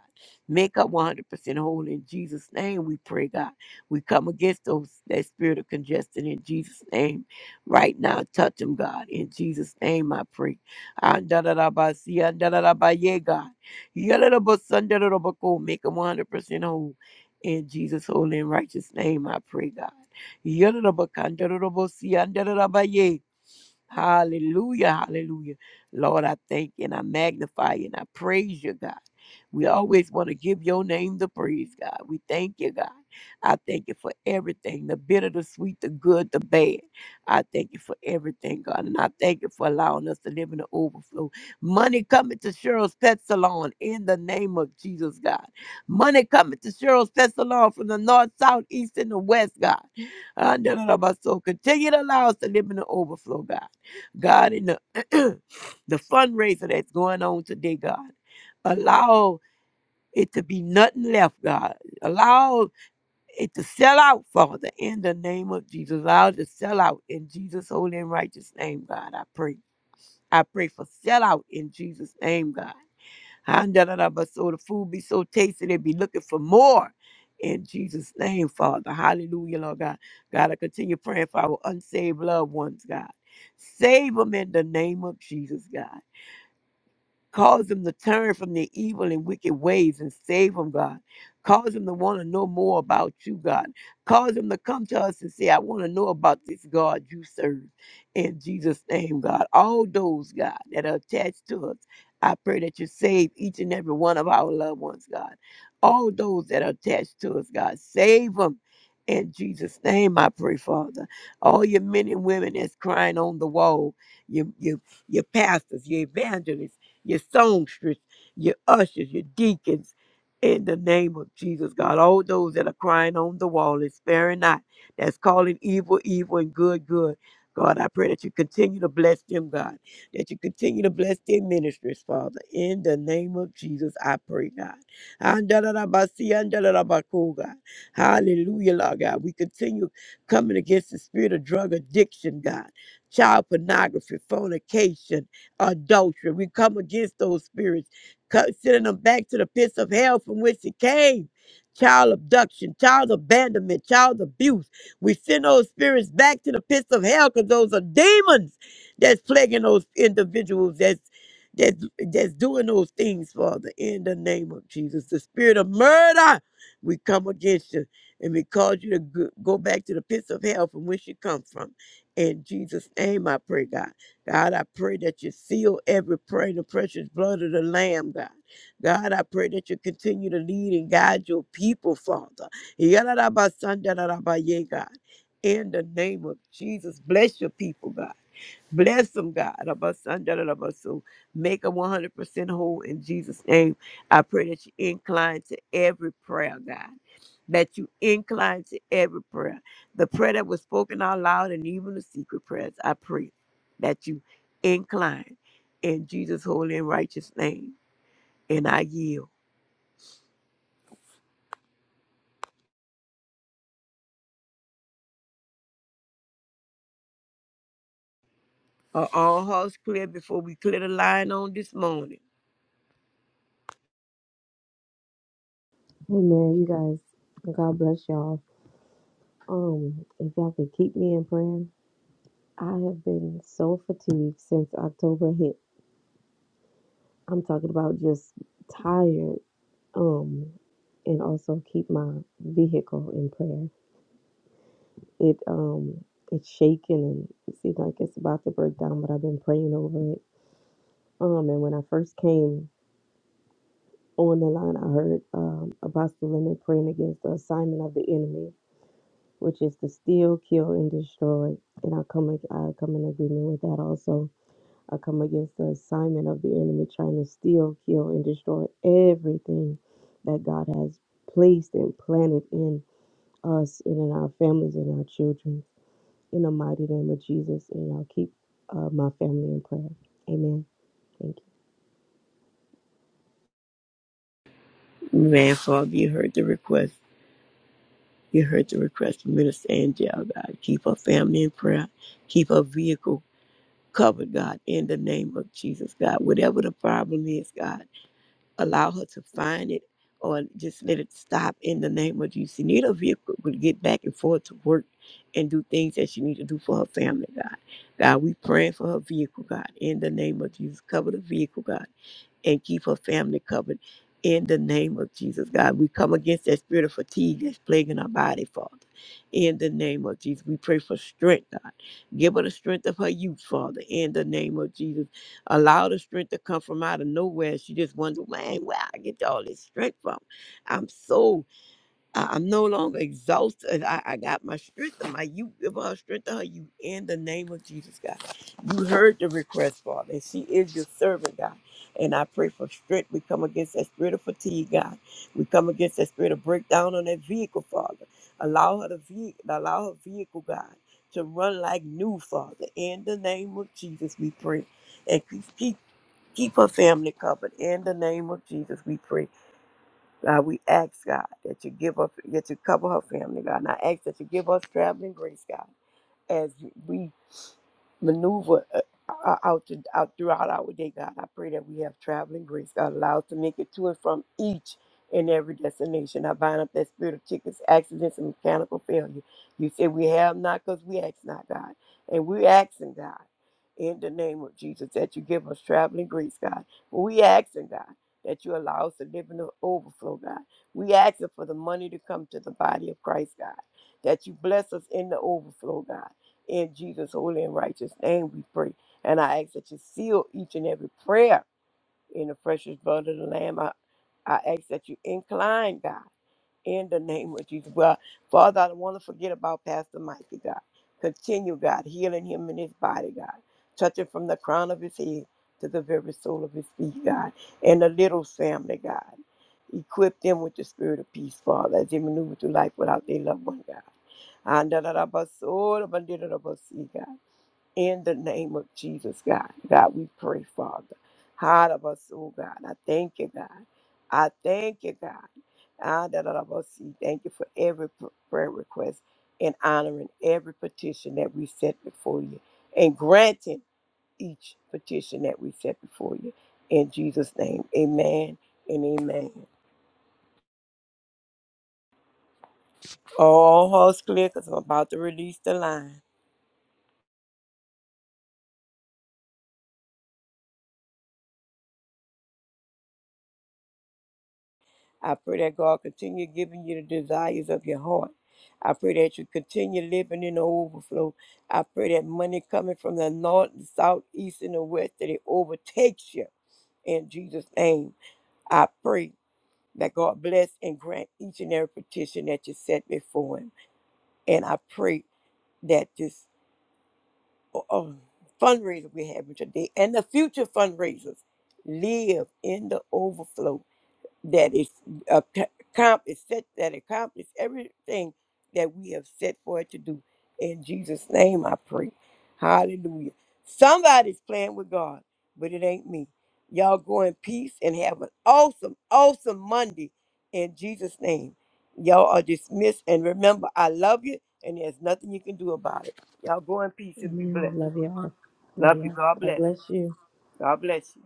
Make her 100% whole. In Jesus' name, we pray, God. We come against those that spirit of congestion in Jesus' name. Right now, touch them, God. In Jesus' name, I pray. Andalabasi, andalabaye, God. Yalalabasandalabako. Make them 100% whole. In Jesus' holy and righteous name, I pray, God. Yadadabakandarabosiandarabaye. Hallelujah, hallelujah. Lord, I thank you and I magnify you and I praise you, God. We always want to give your name the praise, God. We thank you, God. I thank you for everything the bitter, the sweet, the good, the bad. I thank you for everything, God. And I thank you for allowing us to live in the overflow. Money coming to Cheryl's Pet Salon in the name of Jesus, God. Money coming to Cheryl's Pet Salon from the north, south, east, and the west, God. Ah, da, da, da, ba, So continue to allow us to live in the overflow, God. God, in the, [CLEARS THROAT] the fundraiser that's going on today, God, allow it to be nothing left, God. Allow it to sell out, Father, in the name of Jesus. Allow it to sell out in Jesus' holy and righteous name, God. I pray. I pray for sell out in Jesus' name, God. Handarabba, So the food be so tasty, they be looking for more. In Jesus' name, Father. Hallelujah, Lord God. God, I continue praying for our unsaved loved ones, God. Save them in the name of Jesus, God. Cause them to turn from their evil and wicked ways and save them, God. Cause them to want to know more about you, God. Cause them to come to us and say, I want to know about this God you serve. In Jesus' name, God. All those, God, that are attached to us, I pray that you save each and every one of our loved ones, God. All those that are attached to us, God, save them. In Jesus' name, I pray, Father. All your men and women that's crying on the wall, your, your, your pastors, your evangelists, your songstress, your ushers, your deacons, in the name of Jesus, God. All those that are crying on the wall and sparing not, that's calling evil, evil, and good, good. God, I pray that you continue to bless them, God, that you continue to bless their ministries, Father. In the name of Jesus, I pray, God. Andalabasi, andalabako, God. Hallelujah, Lord God. We continue coming against the spirit of drug addiction, God, child pornography, fornication, adultery. We come against those spirits, co- sending them back to the pits of hell from which it came. Child abduction, child abandonment, child abuse. We send those spirits back to the pits of hell because those are demons that's plaguing those individuals that's that's that's doing those things, Father, in the name of Jesus. The spirit of murder, we come against you and we cause you to go go back to the pits of hell from which you come from. In Jesus' name, I pray, God. God, I pray that you seal every prayer in the precious blood of the Lamb, God. God, I pray that you continue to lead and guide your people, Father. Yadadabasandaradaba, yeah, God. In the name of Jesus, bless your people, God. Bless them, God. Abasandarabasu. Make them 100% whole in Jesus' name. I pray that you incline to every prayer, God. That you incline to every prayer. The prayer that was spoken out loud and even the secret prayers, I pray that you incline in Jesus' holy and righteous name. And I yield. Are all hearts clear before we clear the line on this morning? Hey man, You guys, God bless y'all. Um, if y'all could keep me in prayer, I have been so fatigued since October hit. I'm talking about just tired. Um, and also keep my vehicle in prayer. It um, it's shaking and it seems like it's about to break down, but I've been praying over it. Um, and when I first came on the line, I heard um, Apostle Lemon praying against the assignment of the enemy which is to steal, kill, and destroy. And I come, ag- I come in agreement with that also. I come against the assignment of the enemy trying to steal, kill, and destroy everything that God has placed and planted in us and in our families and our children. In the mighty name of Jesus, and y'all keep uh, my family in prayer. Amen. Thank Man, Father, you heard the request. You heard the request of Minister Angel, God. Keep her family in prayer. Keep her vehicle covered, God, in the name of Jesus, God. Whatever the problem is, God, allow her to find it or just let it stop in the name of Jesus. She need a vehicle to get back and forth to work and do things that she need to do for her family, God. God, we praying for her vehicle, God, in the name of Jesus. Cover the vehicle, God and keep her family covered in the name of Jesus, God. We come against that spirit of fatigue that's plaguing our body, Father. In the name of Jesus, we pray for strength, God. Give her the strength of her youth, Father. In the name of Jesus, allow the strength to come from out of nowhere. She just wonders, man, where I get all this strength from? I'm so I- I'm no longer exhausted. I, I got my strength and my you give her strength to her you in the name of Jesus God. You heard the request, Father, and she is your servant, God. And I pray for strength. We come against that spirit of fatigue, God. We come against that spirit of breakdown on that vehicle, Father. Allow her to ve- allow her vehicle, God, to run like new, Father. In the name of Jesus, we pray. And keep keep keep her family covered. In the name of Jesus, we pray. God, we ask, God, that you give us, that you cover her family, God. And I ask that you give us traveling grace, God, as we maneuver uh, uh, out, to, out throughout our day, God. I pray that we have traveling grace, God, allowed to make it to and from each and every destination. I bind up that spirit of tickets, accidents, and mechanical failure. You say we have not because we ask not, God. And we're asking, God, in the name of Jesus, that you give us traveling grace, God. We asking, God, that you allow us to live in the overflow, God. We asking for the money to come to the body of Christ, God. That you bless us in the overflow, God in Jesus' holy and righteous name we pray. And I ask that you seal each and every prayer in the precious blood of the Lamb. I, I ask that you incline, God, in the name of Jesus. Well, Father, I don't want to forget about Pastor Mikey, God. Continue, God, healing him in his body, God. Touching from the crown of his head to the very sole of his feet, God. And the little family, God. Equip them with the spirit of peace, Father, as they maneuver through life without their loved one, God. And da da da ba so da ba di da da ba si, God. In the name of Jesus, God. God, we pray, Father. Heart of us, oh God. I thank you, God. I thank you, God. Ah, da, da, da, bo- see. Thank you for every pr- prayer request and honoring every petition that we set before you and granting each petition that we set before you. In Jesus' name, amen and amen. All hearts clear because I'm about to release the line. I pray that God continue giving you the desires of your heart. I pray that you continue living in the overflow. I pray that money coming from the north, the south, east, and the west that it overtakes you in Jesus' name. I pray that God bless and grant each and every petition that you set before Him. And I pray that this uh, um, fundraiser we're having today and the future fundraisers live in the overflow that is ac- accomplish set that accomplish everything that we have set for it to do. In Jesus' name I pray. Hallelujah. Somebody's playing with God, but it ain't me. Y'all go in peace and have an awesome, awesome Monday in Jesus' name. Y'all are dismissed. And remember, I love you and there's nothing you can do about it. Y'all go in peace you. and be Amen. blessed. Love y'all. Love Love you. y'all. God God bless. bless you. God bless you.